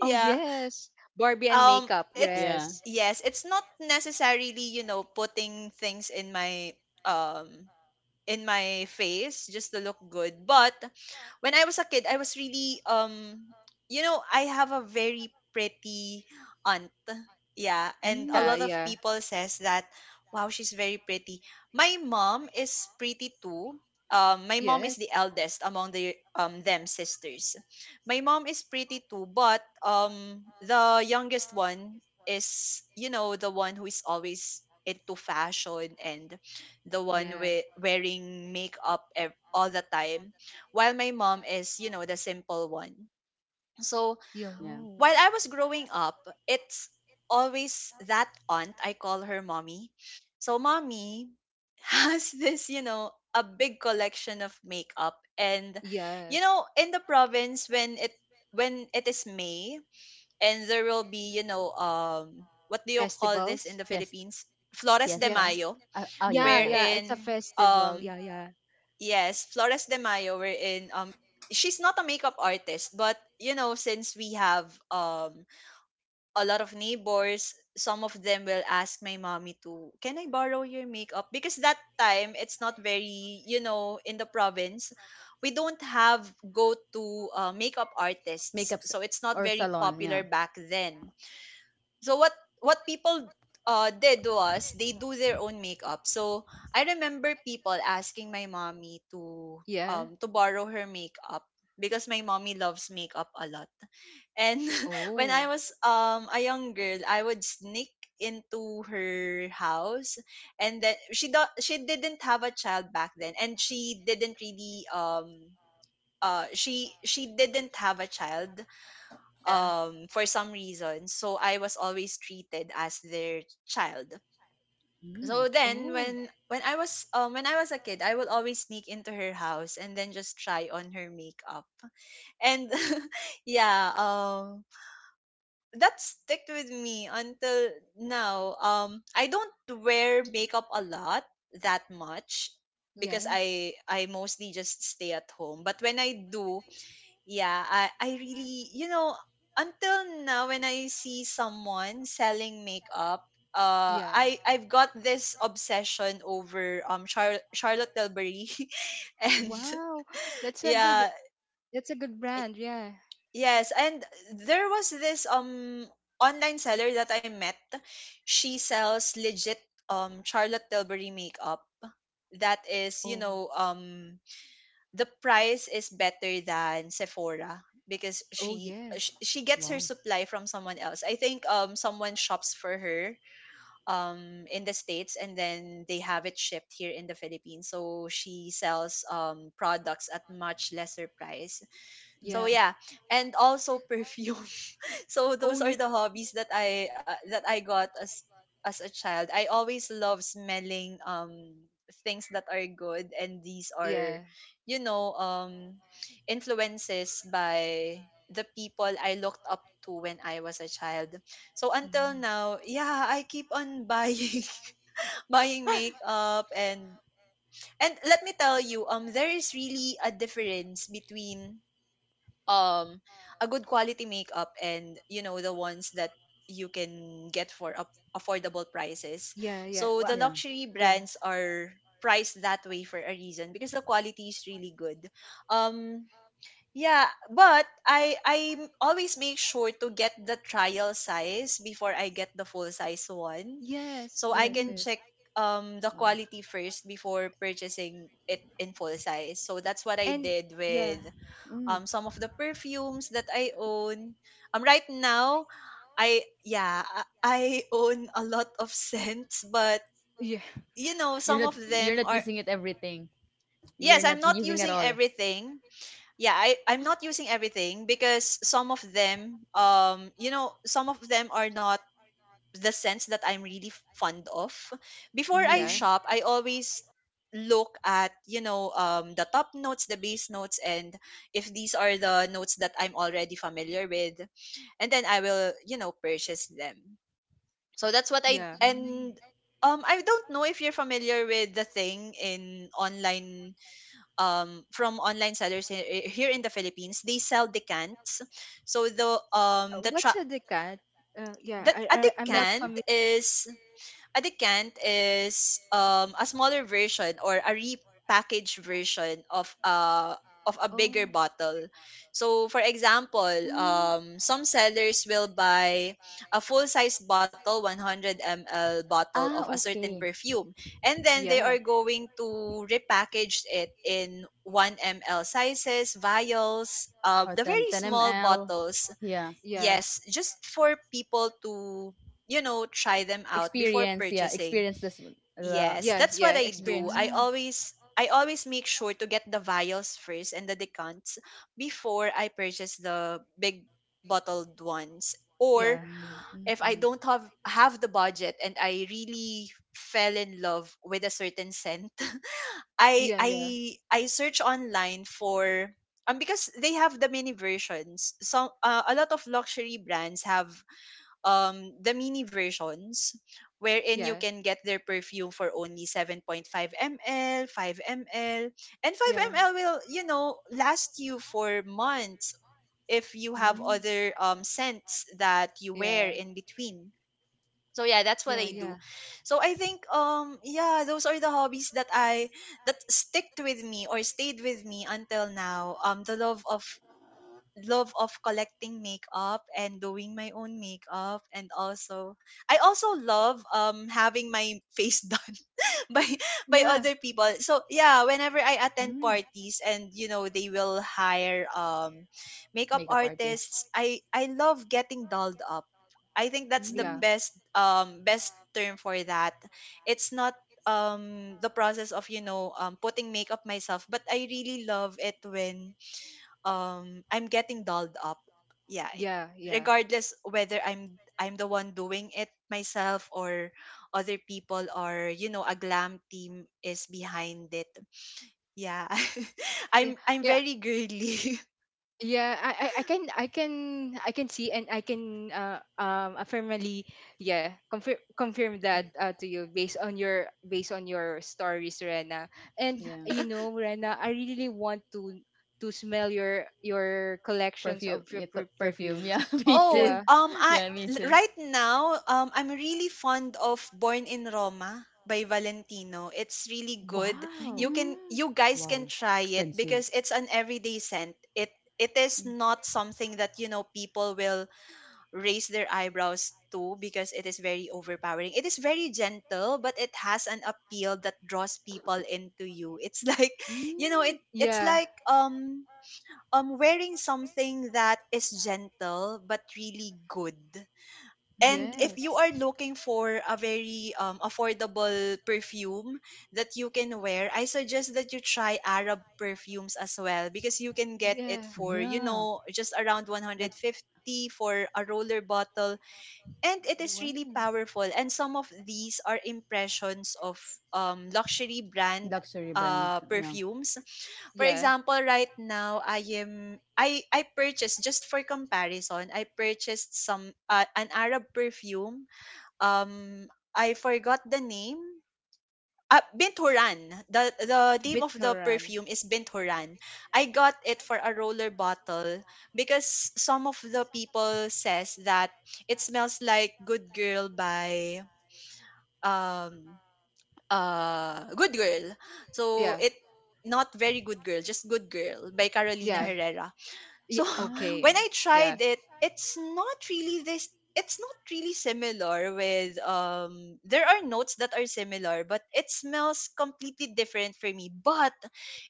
A: Oh yes, Barbie and
B: Um,
A: makeup.
B: it's
C: Yeah.
A: Yes,
B: Yes, it's not necessarily, you know, putting things um in my face just to look good. But when I was a kid, I was really, you know, I have a very pretty aunt. Yeah, and a
C: Mm.
A: yeah,
B: lot of
A: yeah.
B: people says that wow, she's very pretty. My mom is pretty too. My mom is the
A: Yes.
B: eldest among the them sisters. My mom is pretty too, but the youngest one is, you know, the one who is always into fashion and the one
A: Yeah.
B: with wearing makeup all the time, while my mom is, you know, the simple one. So
A: Yeah.
C: Yeah.
B: while I was growing up, it's always that aunt. I call her mommy. So mommy has this, you know, a big collection of makeup. And you
A: Yes.
B: know, in the province, when it is May, and there will be, you know, what do you call this in the
A: Festivals.
C: Fiesta.
B: Philippines, flores de
A: Yeah.
C: Fiesta.
B: mayo,
C: Oh, yeah,
A: Yeah.
C: yeah.
A: Yeah. It's a
B: wherein
A: festival. Yeah. Yeah.
B: yes, Flores de Mayo. We're in she's not a makeup artist, but you know, since we have a lot of neighbors, some of them will ask my mommy to, "Can I borrow your makeup?" Because that time it's not very, you know, in the province, we don't have go-to makeup artists.
C: Makeup s-
B: So it's not
C: or
B: very
C: salon. Yeah.
B: popular back then. So what people did was they do their own makeup. So I remember people asking my mommy
A: Yeah.
B: to borrow her makeup, because my mommy loves makeup a lot. And when I
A: Oh.
B: was a young girl, I would sneak into her house. And then she didn't have a child back then, and she didn't really she didn't have a child
A: Yeah.
B: for some reason, so I was always treated as their child.
C: Mm.
B: So then
A: Oh.
B: when I was, when I was a kid, I would always sneak into her house and then just try on her makeup. And yeah, that stuck with me until now. Um, I don't wear makeup a lot, that much, because
A: Yes.
B: I mostly just stay at home. But when I do, yeah, I really, you know, until now, when I see someone selling makeup,
A: Yeah.
B: I've got this obsession over Charlotte Tilbury, and
A: Wow. That's a good.
B: yeah,
A: That's a good
B: y-
A: brand. Yeah.
B: yes, and there was this online seller that I met. She sells legit Charlotte Tilbury makeup that is, you
A: Oh.
B: know, the price is better than Sephora, because
A: Oh yes.
B: she gets her
C: Wow.
B: supply from someone else. I think someone shops for her in the states, and then they have it shipped here in the Philippines. So she sells products at much lesser price, so
A: Yeah.
C: Mm.
B: yeah, and also perfume. So
A: Oh
B: those are
A: yeah.
B: the hobbies that I got as a child. I always love smelling things that are good, and these are
A: Yeah.
B: you know um influences by the people I looked up to when I was a child. So until
C: Mm.
B: now, yeah, I keep on buying, buying makeup. And let me tell you, there is really a difference between um a good quality makeup and you know the ones that you can get for up affordable prices.
A: Yeah. Yeah.
B: So
A: Wha.
B: the
C: Yeah.
B: luxury
A: Yeah.
B: brands are priced that way for a reason because the quality is really good. um yeah, but always make sure to get the trial size before I get the full size one,
A: Yes.
B: so I
A: Yes.
B: can
C: Mm.
A: Yes.
B: check the quality first before purchasing it in full size. So that's what I
A: And
B: did
A: yeah.
B: with
C: Mm.
B: some of the perfumes that I own. Right now, I yeah, I own a lot of scents, but
A: Yeah.
B: you know, some of them
C: do
B: are—
C: You're
B: yes, I'm
C: not
B: not using everything. Yeah, I'm not using everything because some of them, you know, some of them are not the sense that I'm really fond of. Before I
A: Yeah.
C: everything.
B: shop, I always look at the top notes, the base notes, and if these are the notes that I'm already familiar with, and then I will, you know, purchase them. So that's what I
A: Yeah.
B: and I don't know if you're familiar with the thing in online, from online sellers, he- here in the Philippines, they sell decants. So
A: What's a decant? Yeah.
B: that a
A: I. I'm
C: But,
A: not
B: decant
A: familiar.
B: is— a decant is a smaller version or a repackaged version of of a bigger
A: Oh.
B: bottle. So for example, some sellers will buy a full-size bottle, 100 ml bottle of
C: ah,
B: a certain
C: okay.
B: perfume, and then they are
A: Yeah,
B: going to repackage it in 1 ml sizes, vials,
C: Or
B: the
C: ten
B: very
C: ten
B: small
C: ml.
B: bottles,
C: Yeah.
A: yeah,
B: yes, just for people to, you know, try them out before
C: Experience. Yeah.
B: purchasing.
C: Experience this one. The,
B: Yes,
A: yeah,
B: that's what
A: yeah.
B: I do.
A: Experience.
B: I
C: yeah.
B: always I always make sure to get the vials first and the decants before I purchase the big bottled ones. Or
A: Yeah,
C: Mm,
B: if I
C: okay.
B: don't have the budget and I really fell in love with a certain scent, I
A: yeah,
B: I
A: yeah,
B: I search online for because they have the mini versions. Some a lot of luxury brands have the mini versions wherein you
A: yeah,
B: can get their perfume for only 7.5 ml, 5 ml, and 5
A: yeah,
B: ml will, you know, last you for months if you have
C: Mm.
B: other scents that you wear
A: yeah,
B: in between. So yeah, that's
A: yeah,
B: what I
A: yeah,
B: do. So I think, yeah, those are the hobbies that I that sticked with me or stayed with me until now. The love of— love of collecting makeup and doing my own makeup. And also, I also love having my face done by by
A: yeah,
B: other people. So yeah, whenever I attend
C: Hmm.
B: parties and you know they will hire makeup
C: Makeup artist.
B: artists, I love getting dolled up. I think that's the
A: yeah,
C: Mm.
B: best best term for that. It's not the process of putting makeup myself, but I really love it when I'm getting dolled up. Yeah,
A: yeah, yeah.
B: regardless whether I'm the one doing it myself or other people or you know a glam team is behind it. Yeah.
A: Yeah,
B: I'm
A: yeah,
B: very girly.
A: yeah. I can, I can see, and I can, affirmally, yeah, confirm that,
C: Good.
A: to you based on based on your stories, Rena. And
C: Yeah.
A: you know, Rena, I really really want to smell your collections
C: Perfume.
A: of your
C: Yeah, perfume.
A: perfumes.
C: Yeah, me
B: Oh,
C: too.
A: Yeah.
B: I
C: Yeah, me
B: l-
C: too.
B: right now, I'm really fond of Born in Roma by Valentino. It's really good.
A: Wow.
B: You can
C: Mm.
B: you guys can
C: Wow.
B: try it
C: Expensive.
B: because it's an everyday scent. It is
C: Mm,
B: not something that you know people will raise their eyebrows too because it is very overpowering. It is very gentle, but it has an appeal that draws people into you. It's like, you know, it
C: mm,
B: it's
A: Yeah,
B: like wearing something that is gentle but really good. And if
C: mm.
A: yes.
B: you are looking for a very affordable perfume that you can wear, I suggest that you try Arab perfumes as well, because you can get it
A: Yeah.
B: for, you
C: Yeah,
B: know, just around
C: like
B: 150 for a roller bottle, and it is really
A: Wow.
B: powerful. And some of these are impressions of luxury brand
C: luxury brands. Yeah.
B: perfumes. For
A: Yeah.
B: example, right now, I am I purchased, just for comparison, I purchased some an Arab perfume. um I forgot the name. Binturan. The name of the
A: BitTorrent.
B: perfume is Binturan. I got it for a roller bottle because some of the people says that it smells like Good Girl by um Good Girl. So
A: Yeah.
B: it— not very Good Girl, just Good Girl by Carolina
A: Yeah.
B: Herrera.
A: Yeah.
B: So
C: Ah,
B: when
A: Okay.
B: I
A: Yeah.
B: tried it, it's not really this— it's not really similar with— there are notes that are similar, but it smells completely different for me, but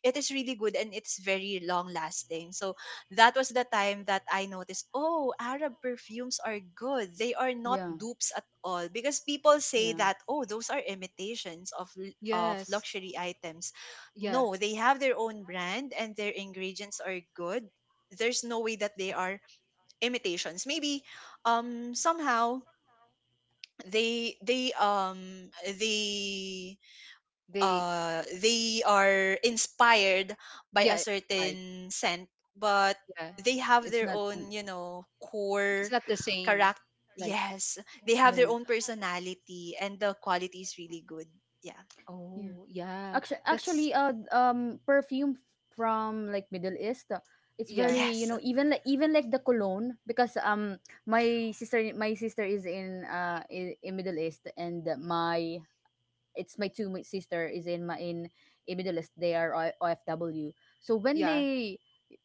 B: it is really good and it's very long lasting. So that was the time that I noticed, oh, Arab perfumes are good, they are not
C: yeah,
B: dupes at all, because people say
C: yeah.
B: that, oh, those are imitations of l- of
A: Yes.
B: luxury items.
A: Yeah.
B: No, they have their own brand and their ingredients are good. There's no way that they are imitations. Maybe somehow they they um they
A: They.
B: they are inspired by a
A: Yeah. Right.
B: certain scent, but
A: Yeah.
B: they have
C: It's
B: their
C: not.
B: own, you know,
A: It's
B: core
A: not the same.
B: character.
A: Like.
B: Yes,
A: Yeah.
B: they have
C: Yeah,
B: their
A: It's-
B: own personality and the quality is really good. Yeah.
C: yeah.
A: Oh. Yeah.
C: Actually,
A: That's.
C: perfume from like Middle East, it's
A: Yeah.
C: very, you
B: Yes.
C: know, even like the cologne, because my sister is in, in Middle East. And my, it's my two my sister is in my in Middle East. They are OFW. So
A: Yeah.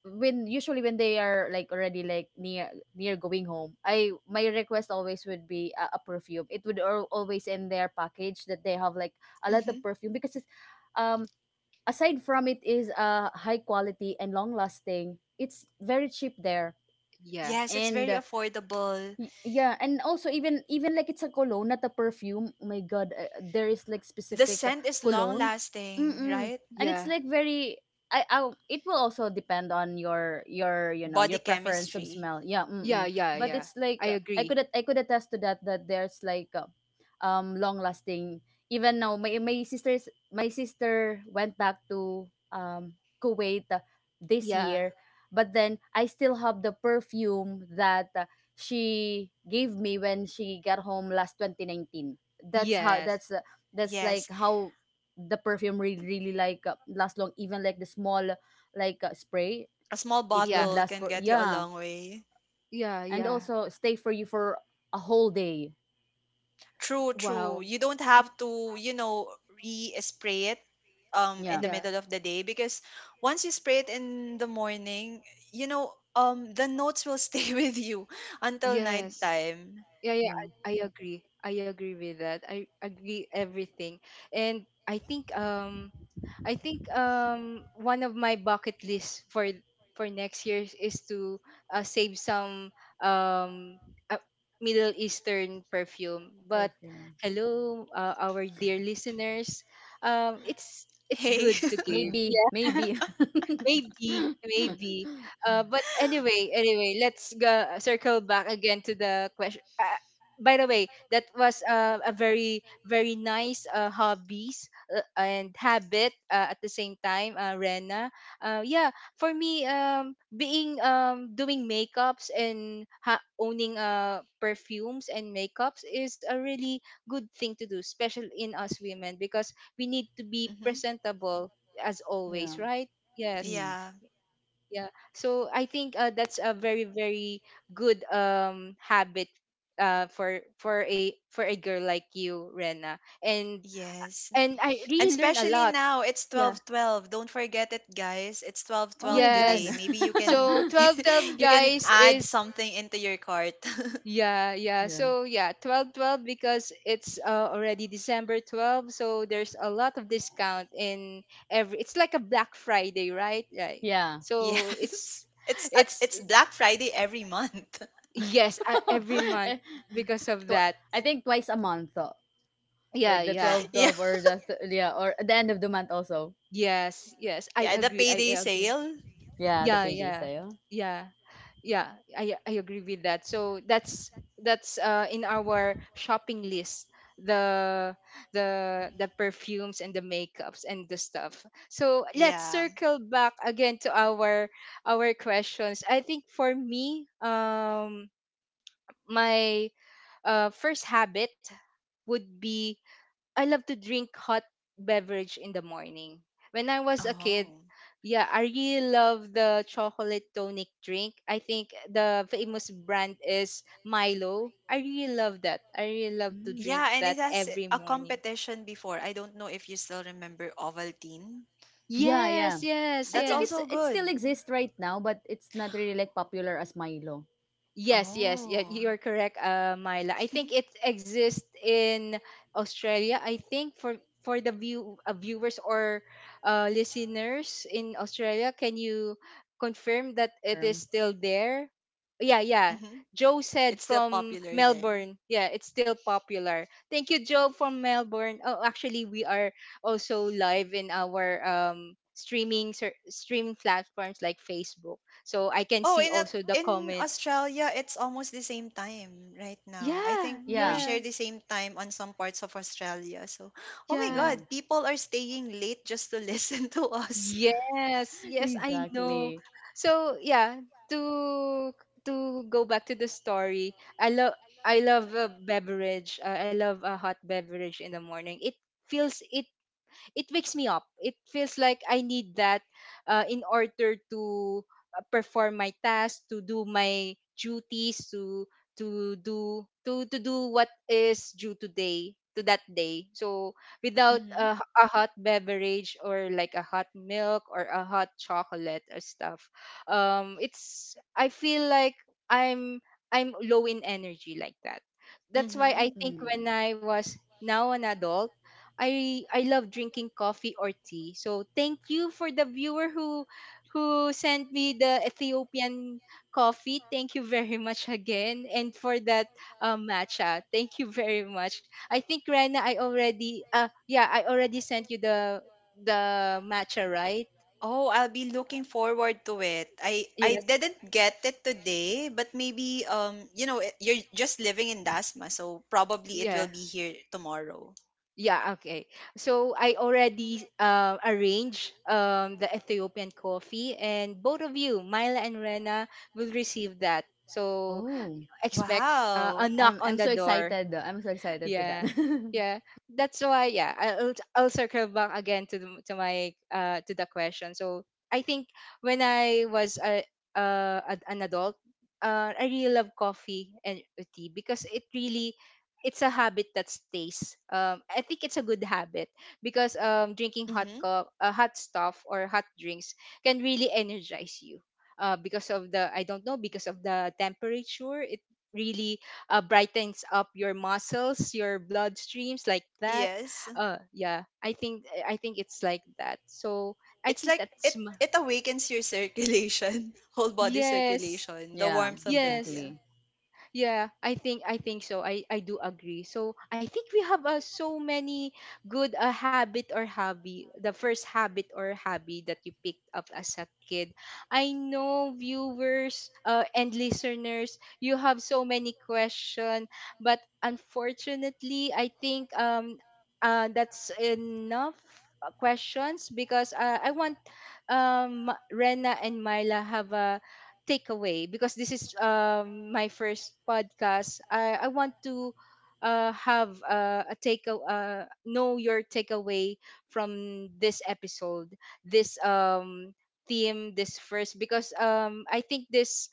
C: when usually when they are like already like near going home, I my request always would be a, perfume. It would always in their package that they have like a lot of
B: Hmm.
C: perfume because it's, um aside from it is, high quality and long lasting. It's very cheap there.
A: Yeah.
B: Yes, it's
C: And,
B: very affordable.
C: Yeah, and also even, like it's a cologne, not a perfume. Oh my god, there is like
B: The
C: specific,
B: scent is long
C: cologne.
B: lasting,
C: Mm-mm.
B: right?
C: And it's
A: Yeah.
C: like very, I it will also depend on your, your
B: Body
C: preference of
B: chemistry.
C: smell. Yeah,
A: Yeah.
C: mm-mm.
A: Yeah.
C: But
B: Mm-hmm.
A: Yeah.
C: it's like,
A: I
C: i could
A: agree.
C: at- i could attest to that, that there's like, long lasting. Even now, my sister went back to Kuwait, this
A: Yeah.
C: year. But then I still have the perfume that, she gave me when she got home last 2019.
A: Yes.
C: That's, that's like
B: Yes,
C: how the perfume really really like, last long. Even like the small like, spray,
B: a small
C: it
A: Yeah.
C: would
B: bottle
C: last
B: can
C: for,
B: get you a
C: yeah,
B: long way.
A: Yeah.
C: and
A: Yeah.
C: also stay for you for a whole day.
B: True, true.
A: Wow.
B: You don't
A: Y-
B: have to, you know, re-spray it in
C: Yeah.
B: the
A: Yeah.
B: middle of the day, because once you spray it in the morning, you know, the notes will stay with you until
A: Yes.
B: nighttime.
A: Yeah, yeah, I agree. I agree with that. I agree everything. And I think one of my bucket lists for next year is to save some um uh, Middle Eastern perfume. But
C: Perfume.
A: hello our dear listeners. It's
B: Hey.
A: good to give.
C: Maybe,
A: Yeah,
C: maybe.
A: maybe maybe but anyway anyway, let's go circle back again to the question. By the way, that was a very very nice hobbies and habit at the same time, rena. Yeah, for me being doing makeups and owning perfumes and makeups is a really good thing to do, especially in us women, because we need to be
B: Hmm.
A: presentable as always,
C: Yeah.
A: right? Yes.
C: Mm.
B: Yeah.
A: Yeah. So I think that's a very very good habit for a girl like you, Rena. And
B: Yes.
A: and I
B: And
A: really learn a
B: especially
A: lot.
B: now, it's
A: Yeah.
B: 12:12. Don't forget it, guys. It's
C: Oh my
B: 12:12
C: God.
B: today.
A: Yes.
B: Maybe you can
A: So 12 12
B: you can
A: guys
B: add
A: is
B: something into your cart.
A: yeah, yeah.
C: Yeah.
A: So yeah, 12 12, because it's already December 12, so there's a lot of discount in every. It's like a Black Friday, right? Right.
C: Yeah.
A: So
B: Yes.
A: it's it's
B: It's Black Friday every month.
A: yes, every month
C: Eh,
A: because of
C: tw-
A: that.
C: I think twice a month though.
A: Yeah,
C: Like the
A: yeah.
C: twelve,
B: Yeah.
C: twelve or just, yeah, or at the end of the month also.
A: Yes, yes. I
B: Yeah, the
A: agree. I
B: payday
A: agree.
B: sale.
C: Yeah, the
A: Yeah,
C: payday
A: yeah.
C: sale.
A: Yeah. Yeah. I agree with that. So that's in our shopping list, the the perfumes and the makeups and the stuff. So let's
B: Yeah.
A: circle back again to our questions. I think for me, my first habit would be I love to drink hot beverage in the morning. When I was a kid,
B: Oh.
A: yeah, I really love the chocolate tonic drink. I think the famous brand is Milo. I really love that. I really love to
C: Mm.
A: drink
B: Yeah, and
A: that
B: it has
A: every
B: a
A: morning.
B: competition before. I don't know if you still remember Ovaltine.
C: Yeah, yeah.
A: Yes, yes,
C: I
B: That's
C: think it's,
A: yes.
B: also
C: it
B: good.
C: still exists right now, but it's not really like popular as Milo.
A: Yes, yes, yeah,
B: Oh.
A: you are correct, Myla. I think it exists in Australia. I think for the viewers or listeners in Australia, can you confirm that it is
C: Firm.
A: still there? Yeah, yeah.
B: Hmm.
A: Joe said
B: It's still
A: from
B: popular there.
A: Melbourne. Yeah, it's still popular. Thank you, Joe from Melbourne. Oh, actually, we are also live in our streaming platforms like Facebook, so I can
B: Oh,
A: see
B: in Au-
A: also the
B: in
A: comment.
B: Australia, it's almost the same time right now. I
A: Yeah,
B: think we
C: Yeah.
B: share
A: yeah,
B: the same time on some parts of Australia. So, oh my
A: yeah.
B: God, people are staying late just to listen to us.
A: Yes, yes, I know.
C: Exactly.
A: So yeah, to to go back to the story, I love a beverage. I love a hot beverage in the morning. It feels it wakes me up. It feels like I need that in order to perform my task, to do my duties, to do what is due today to that day. So without
B: Mm-hmm.
A: a, a hot beverage or like a hot milk or a hot chocolate or stuff, it's I feel like i'm I'm low in energy, like that. That's why I
B: Mm-hmm.
A: think
C: Mm.
A: when I was now an adult, I love drinking coffee or tea. So thank you for the viewer who sent me the Ethiopian coffee. Thank you very much again, and for that matcha. Thank you very much. I think Rena, I already yeah I already sent you the matcha, right?
B: Oh, I'll be looking forward to it. I
A: Yes.
B: didn't get it today, but maybe you know it- you're just living in Dasma, so probably it
A: Yeah.
B: will be here tomorrow.
A: Yeah, okay. So I already arranged the Ethiopian coffee, and both of you, Myla and Rena, will receive that. So
C: Oh,
A: expect
B: Wow.
A: a knock
C: I'm
A: on
C: I'm
A: the
C: so
A: door.
C: excited. I'm so excited to that.
A: Yeah, yeah, that's why, yeah, I'll circle back again to the, to my to the question. So I think when I was an adult, I really love coffee and tea, because it really it's a habit that stays. I think it's a good habit because drinking
B: Mm-hmm.
A: hot stuff or hot drinks can really energize you, because of the I don't know, because of the temperature. It really brightens up your muscles, your blood streams, like that.
B: Yes.
A: Yeah, I think it's like that. So I
B: It's
A: think
B: like— it it awakens your circulation, whole body
A: yes,
B: circulation, the
C: Yeah,
B: warmth of it,
A: yes,
B: yeah.
C: exactly.
A: yeah, I think so. I do agree. So I think we have so many good habit or hobby. The first habit or hobby that you picked up as a kid. I know viewers and listeners, you have so many question, but unfortunately, I think that's enough questions, because I want Rena and Myla have a takeaway, because this is my first podcast. I want to have a take know your takeaway from this episode, this theme, this first, because I think this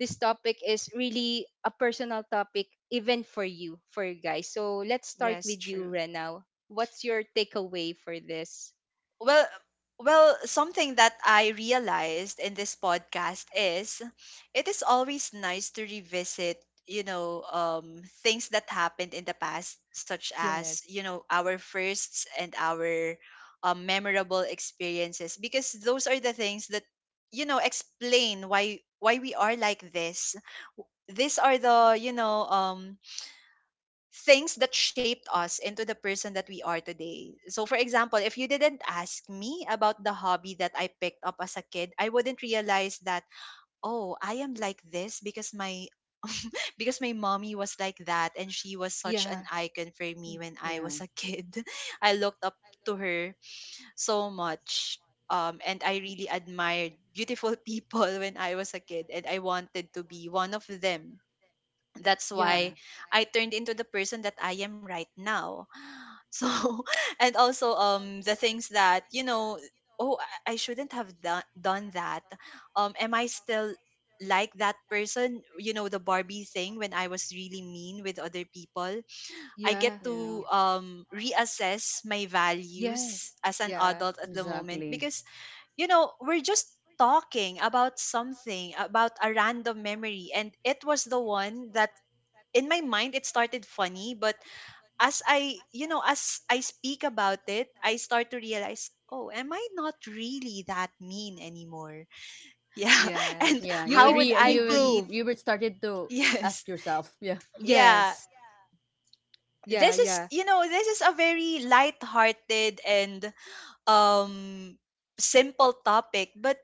A: this topic is really a personal topic, even for you, for you guys. So let's start
B: Yes,
A: with you,
B: true.
A: Renal. What's your takeaway for this?
B: Well, well, something that I realized in this podcast is it is always nice to revisit, you know, things that happened in the past, such as,
A: Yes.
B: you know, our firsts and our memorable experiences, because those are the things that, you know, explain why we are like this. These are the things that shaped us into the person that we are today. So for example, if you didn't ask me about the hobby that I picked up as a kid, I wouldn't realize that, oh, I am like this because my— because my mommy was like that, and she was such
A: Yeah.
B: an icon for me when
C: Hmm.
B: I was a kid. I looked up to her so much, and I
A: Y-
B: really admired beautiful people when I was a kid, and I wanted to be one of them. That's
A: Yeah.
B: why I turned into the person that I am right now. So, and also the things that, you know, oh, I shouldn't have done that. Am I still like that person? You know, the Barbie thing when I was really mean with other people. I
A: Yeah.
B: get
C: Yeah,
B: to reassess my values
A: Yes.
B: as an
A: Yeah.
B: adult at the moment
C: exactly.
B: because you know we're just talking about something about a random memory, and it was the one that, in my mind, it started funny, but as I you know as I speak about it, I start to realize, oh, am I not really that mean anymore? Yeah. And
A: Yes.
C: Yeah,
A: You
B: how would I be—
A: improve.
C: you would started to
B: yes,
C: ask yourself. Yeah,
B: yeah,
A: Yes.
B: this
A: Yeah,
B: is, you
A: yeah.
B: know, this is a very light-hearted and um simple topic, but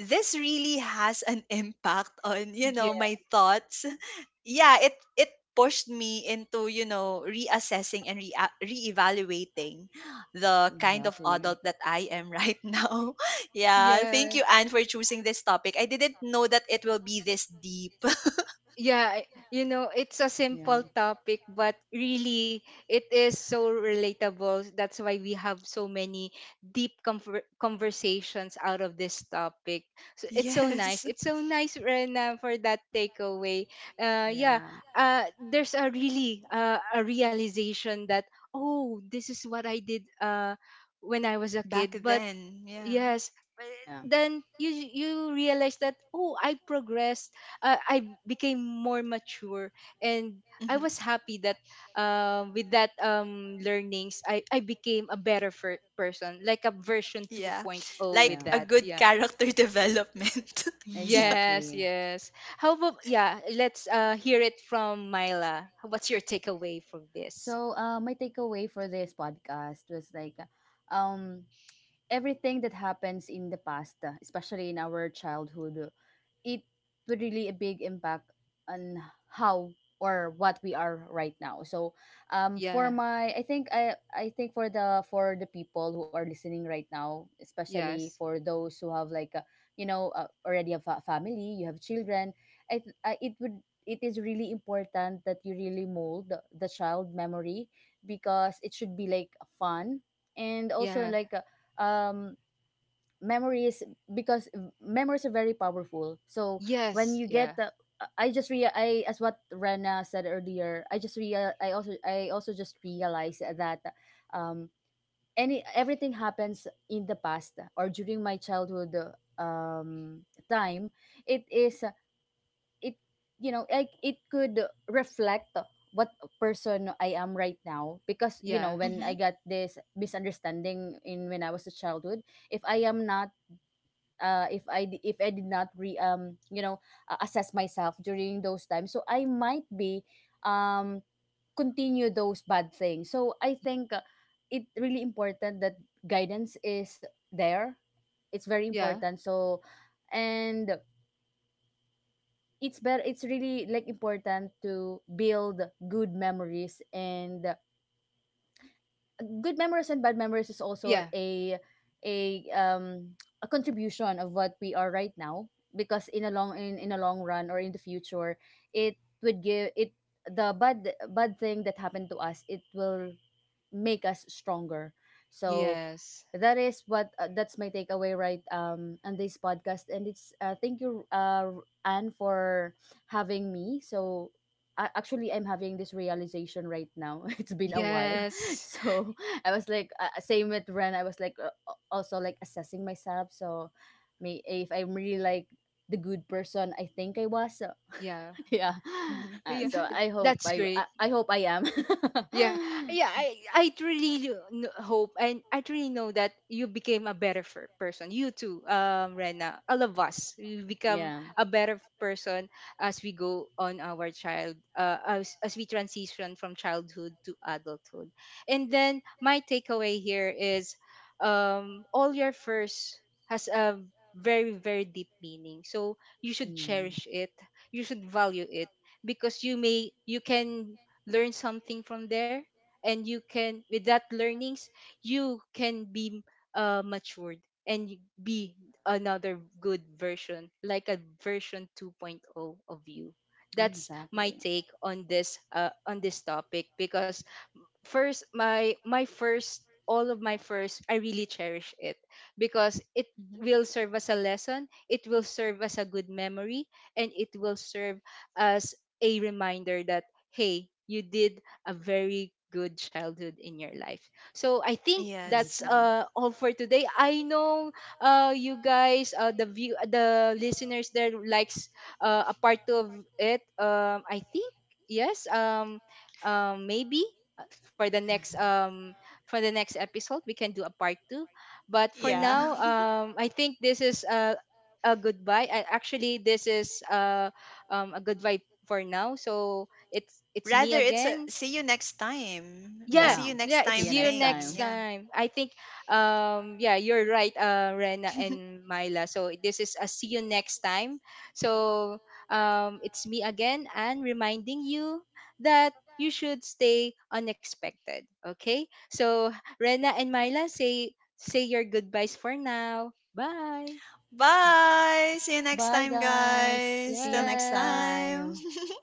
B: this really has an impact on, you know,
A: Yeah.
B: my thoughts. Yeah, it pushed me into, you know, reassessing and re- reevaluating the kind of adult
C: exactly.
B: that I am right now. Yeah, thank
A: Yeah.
B: you, Anne, for choosing this topic. I didn't know that it will be this deep.
A: Yeah, I- you know, it's a simple topic, but really it is so relatable. That's why we have so many deep conversations out of this topic. So it's so nice.
B: Yes.
A: It's so nice, Rena, for that takeaway. Yeah,
C: Yeah.
A: there's a really a realization that oh, this is what I did when I was a
B: Back
A: kid, but
B: then, yeah.
A: yes, but
C: Yeah.
A: then you realize that oh, I progressed, I became more mature, and I
B: Hmm.
A: was happy that with that learnings, I became a better person, like a version
B: Yeah,
A: 2.0, with
C: Yeah.
B: like a
A: that.
B: good
A: Yeah,
B: character development. Yeah.
A: yes,
C: Exactly.
A: yes. How about, yeah, let's hear it from Myla. What's your takeaway from this?
C: So, my takeaway for this podcast was like, um, everything that happens in the past, especially in our childhood, it would really a big impact on how or what we are right now. So,
A: Yeah,
C: for my I think for the people who are listening right now, especially
A: yes,
C: for those who have already have a family, you have children, I, th- I it is really important that you really mold the child memory, because it should be like fun, and also
A: yeah,
C: like, um memories, because memories are very powerful. So when
A: yes,
C: you
A: yeah,
C: get the, I, as what Rena said earlier, I also just realized that, um any everything happens in the past, or during my childhood, um time, it is it you know like it could reflect what person I am right now. Because, you
A: yeah,
C: know, when I
B: Hmm.
C: got this misunderstanding in when I was a childhood, if I am not, if I did not, re you know assess myself during those times, so I might be, um continue those bad things. So I think, it really important that guidance is there. It's very
A: yeah,
C: important. So, and it's better. It's really like important to build good memories. And good memories and bad memories is also
A: yeah,
C: a contribution of what we are right now. Because in a long run, or in the future, it would give it, the bad bad thing that happened to us, it will make us stronger. So
A: yes.
C: that is what that's my takeaway, right, on this podcast. And it's, thank you, Anne, for having me. So, actually I'm having this realization right now. It's been a while.
A: Yes.
C: So I was like, same with Ren. I was like, also like assessing myself. So may if I'm really like the good person, I think I was. So,
A: Yeah.
C: yeah,
B: Hmm.
A: Yeah.
C: so
B: Hmm.
C: I hope,
A: That's great.
C: I am.
A: Yeah, yeah. I really hope, and I really know that you became a better person. You too, Rena. All of us, we become
C: Yeah.
A: a better person as we go on our as we transition from childhood to adulthood. And then my takeaway here is, all your first has a very very deep meaning. So you should cherish it. You should value it, because you can learn something from there, and you can, with that learnings, you can be matured, and you be another good version, like a version 2.0 of you. That's my take on this topic, because first my my first, all of my first, I really cherish it, because it will serve as a lesson, it will serve as a good memory, and it will serve as a reminder that hey, you did a very good childhood in your life. So I think that's
B: Yes.
A: all for today. I know you guys, the listeners there likes a part two of it, I think yes, maybe uh, for the next um for the next episode we can do a part two. But for
C: Yeah.
B: Yeah.
A: now, I think this is a goodbye. Actually this is a goodbye for now, so it's it's me
B: Rather, it's a
A: again.
B: see you next time, a
A: Yeah,
B: see
C: Yeah.
B: you
A: yeah,
B: next
A: it's
C: See
B: time
C: you
A: your
C: next
B: thing,
A: next
C: time.
B: yeah.
A: time. I think yeah, you're right, Rena and Myla. So this is a see you next time. So it's me again, and reminding you that you should stay unexpected. Okay? So Rena and Myla, say your goodbyes for now. Bye.
B: Bye. See you next
C: Bye,
B: time,
C: guys.
B: guys.
C: See
B: Till
C: you next
B: next
A: Yes.
B: time.
C: time.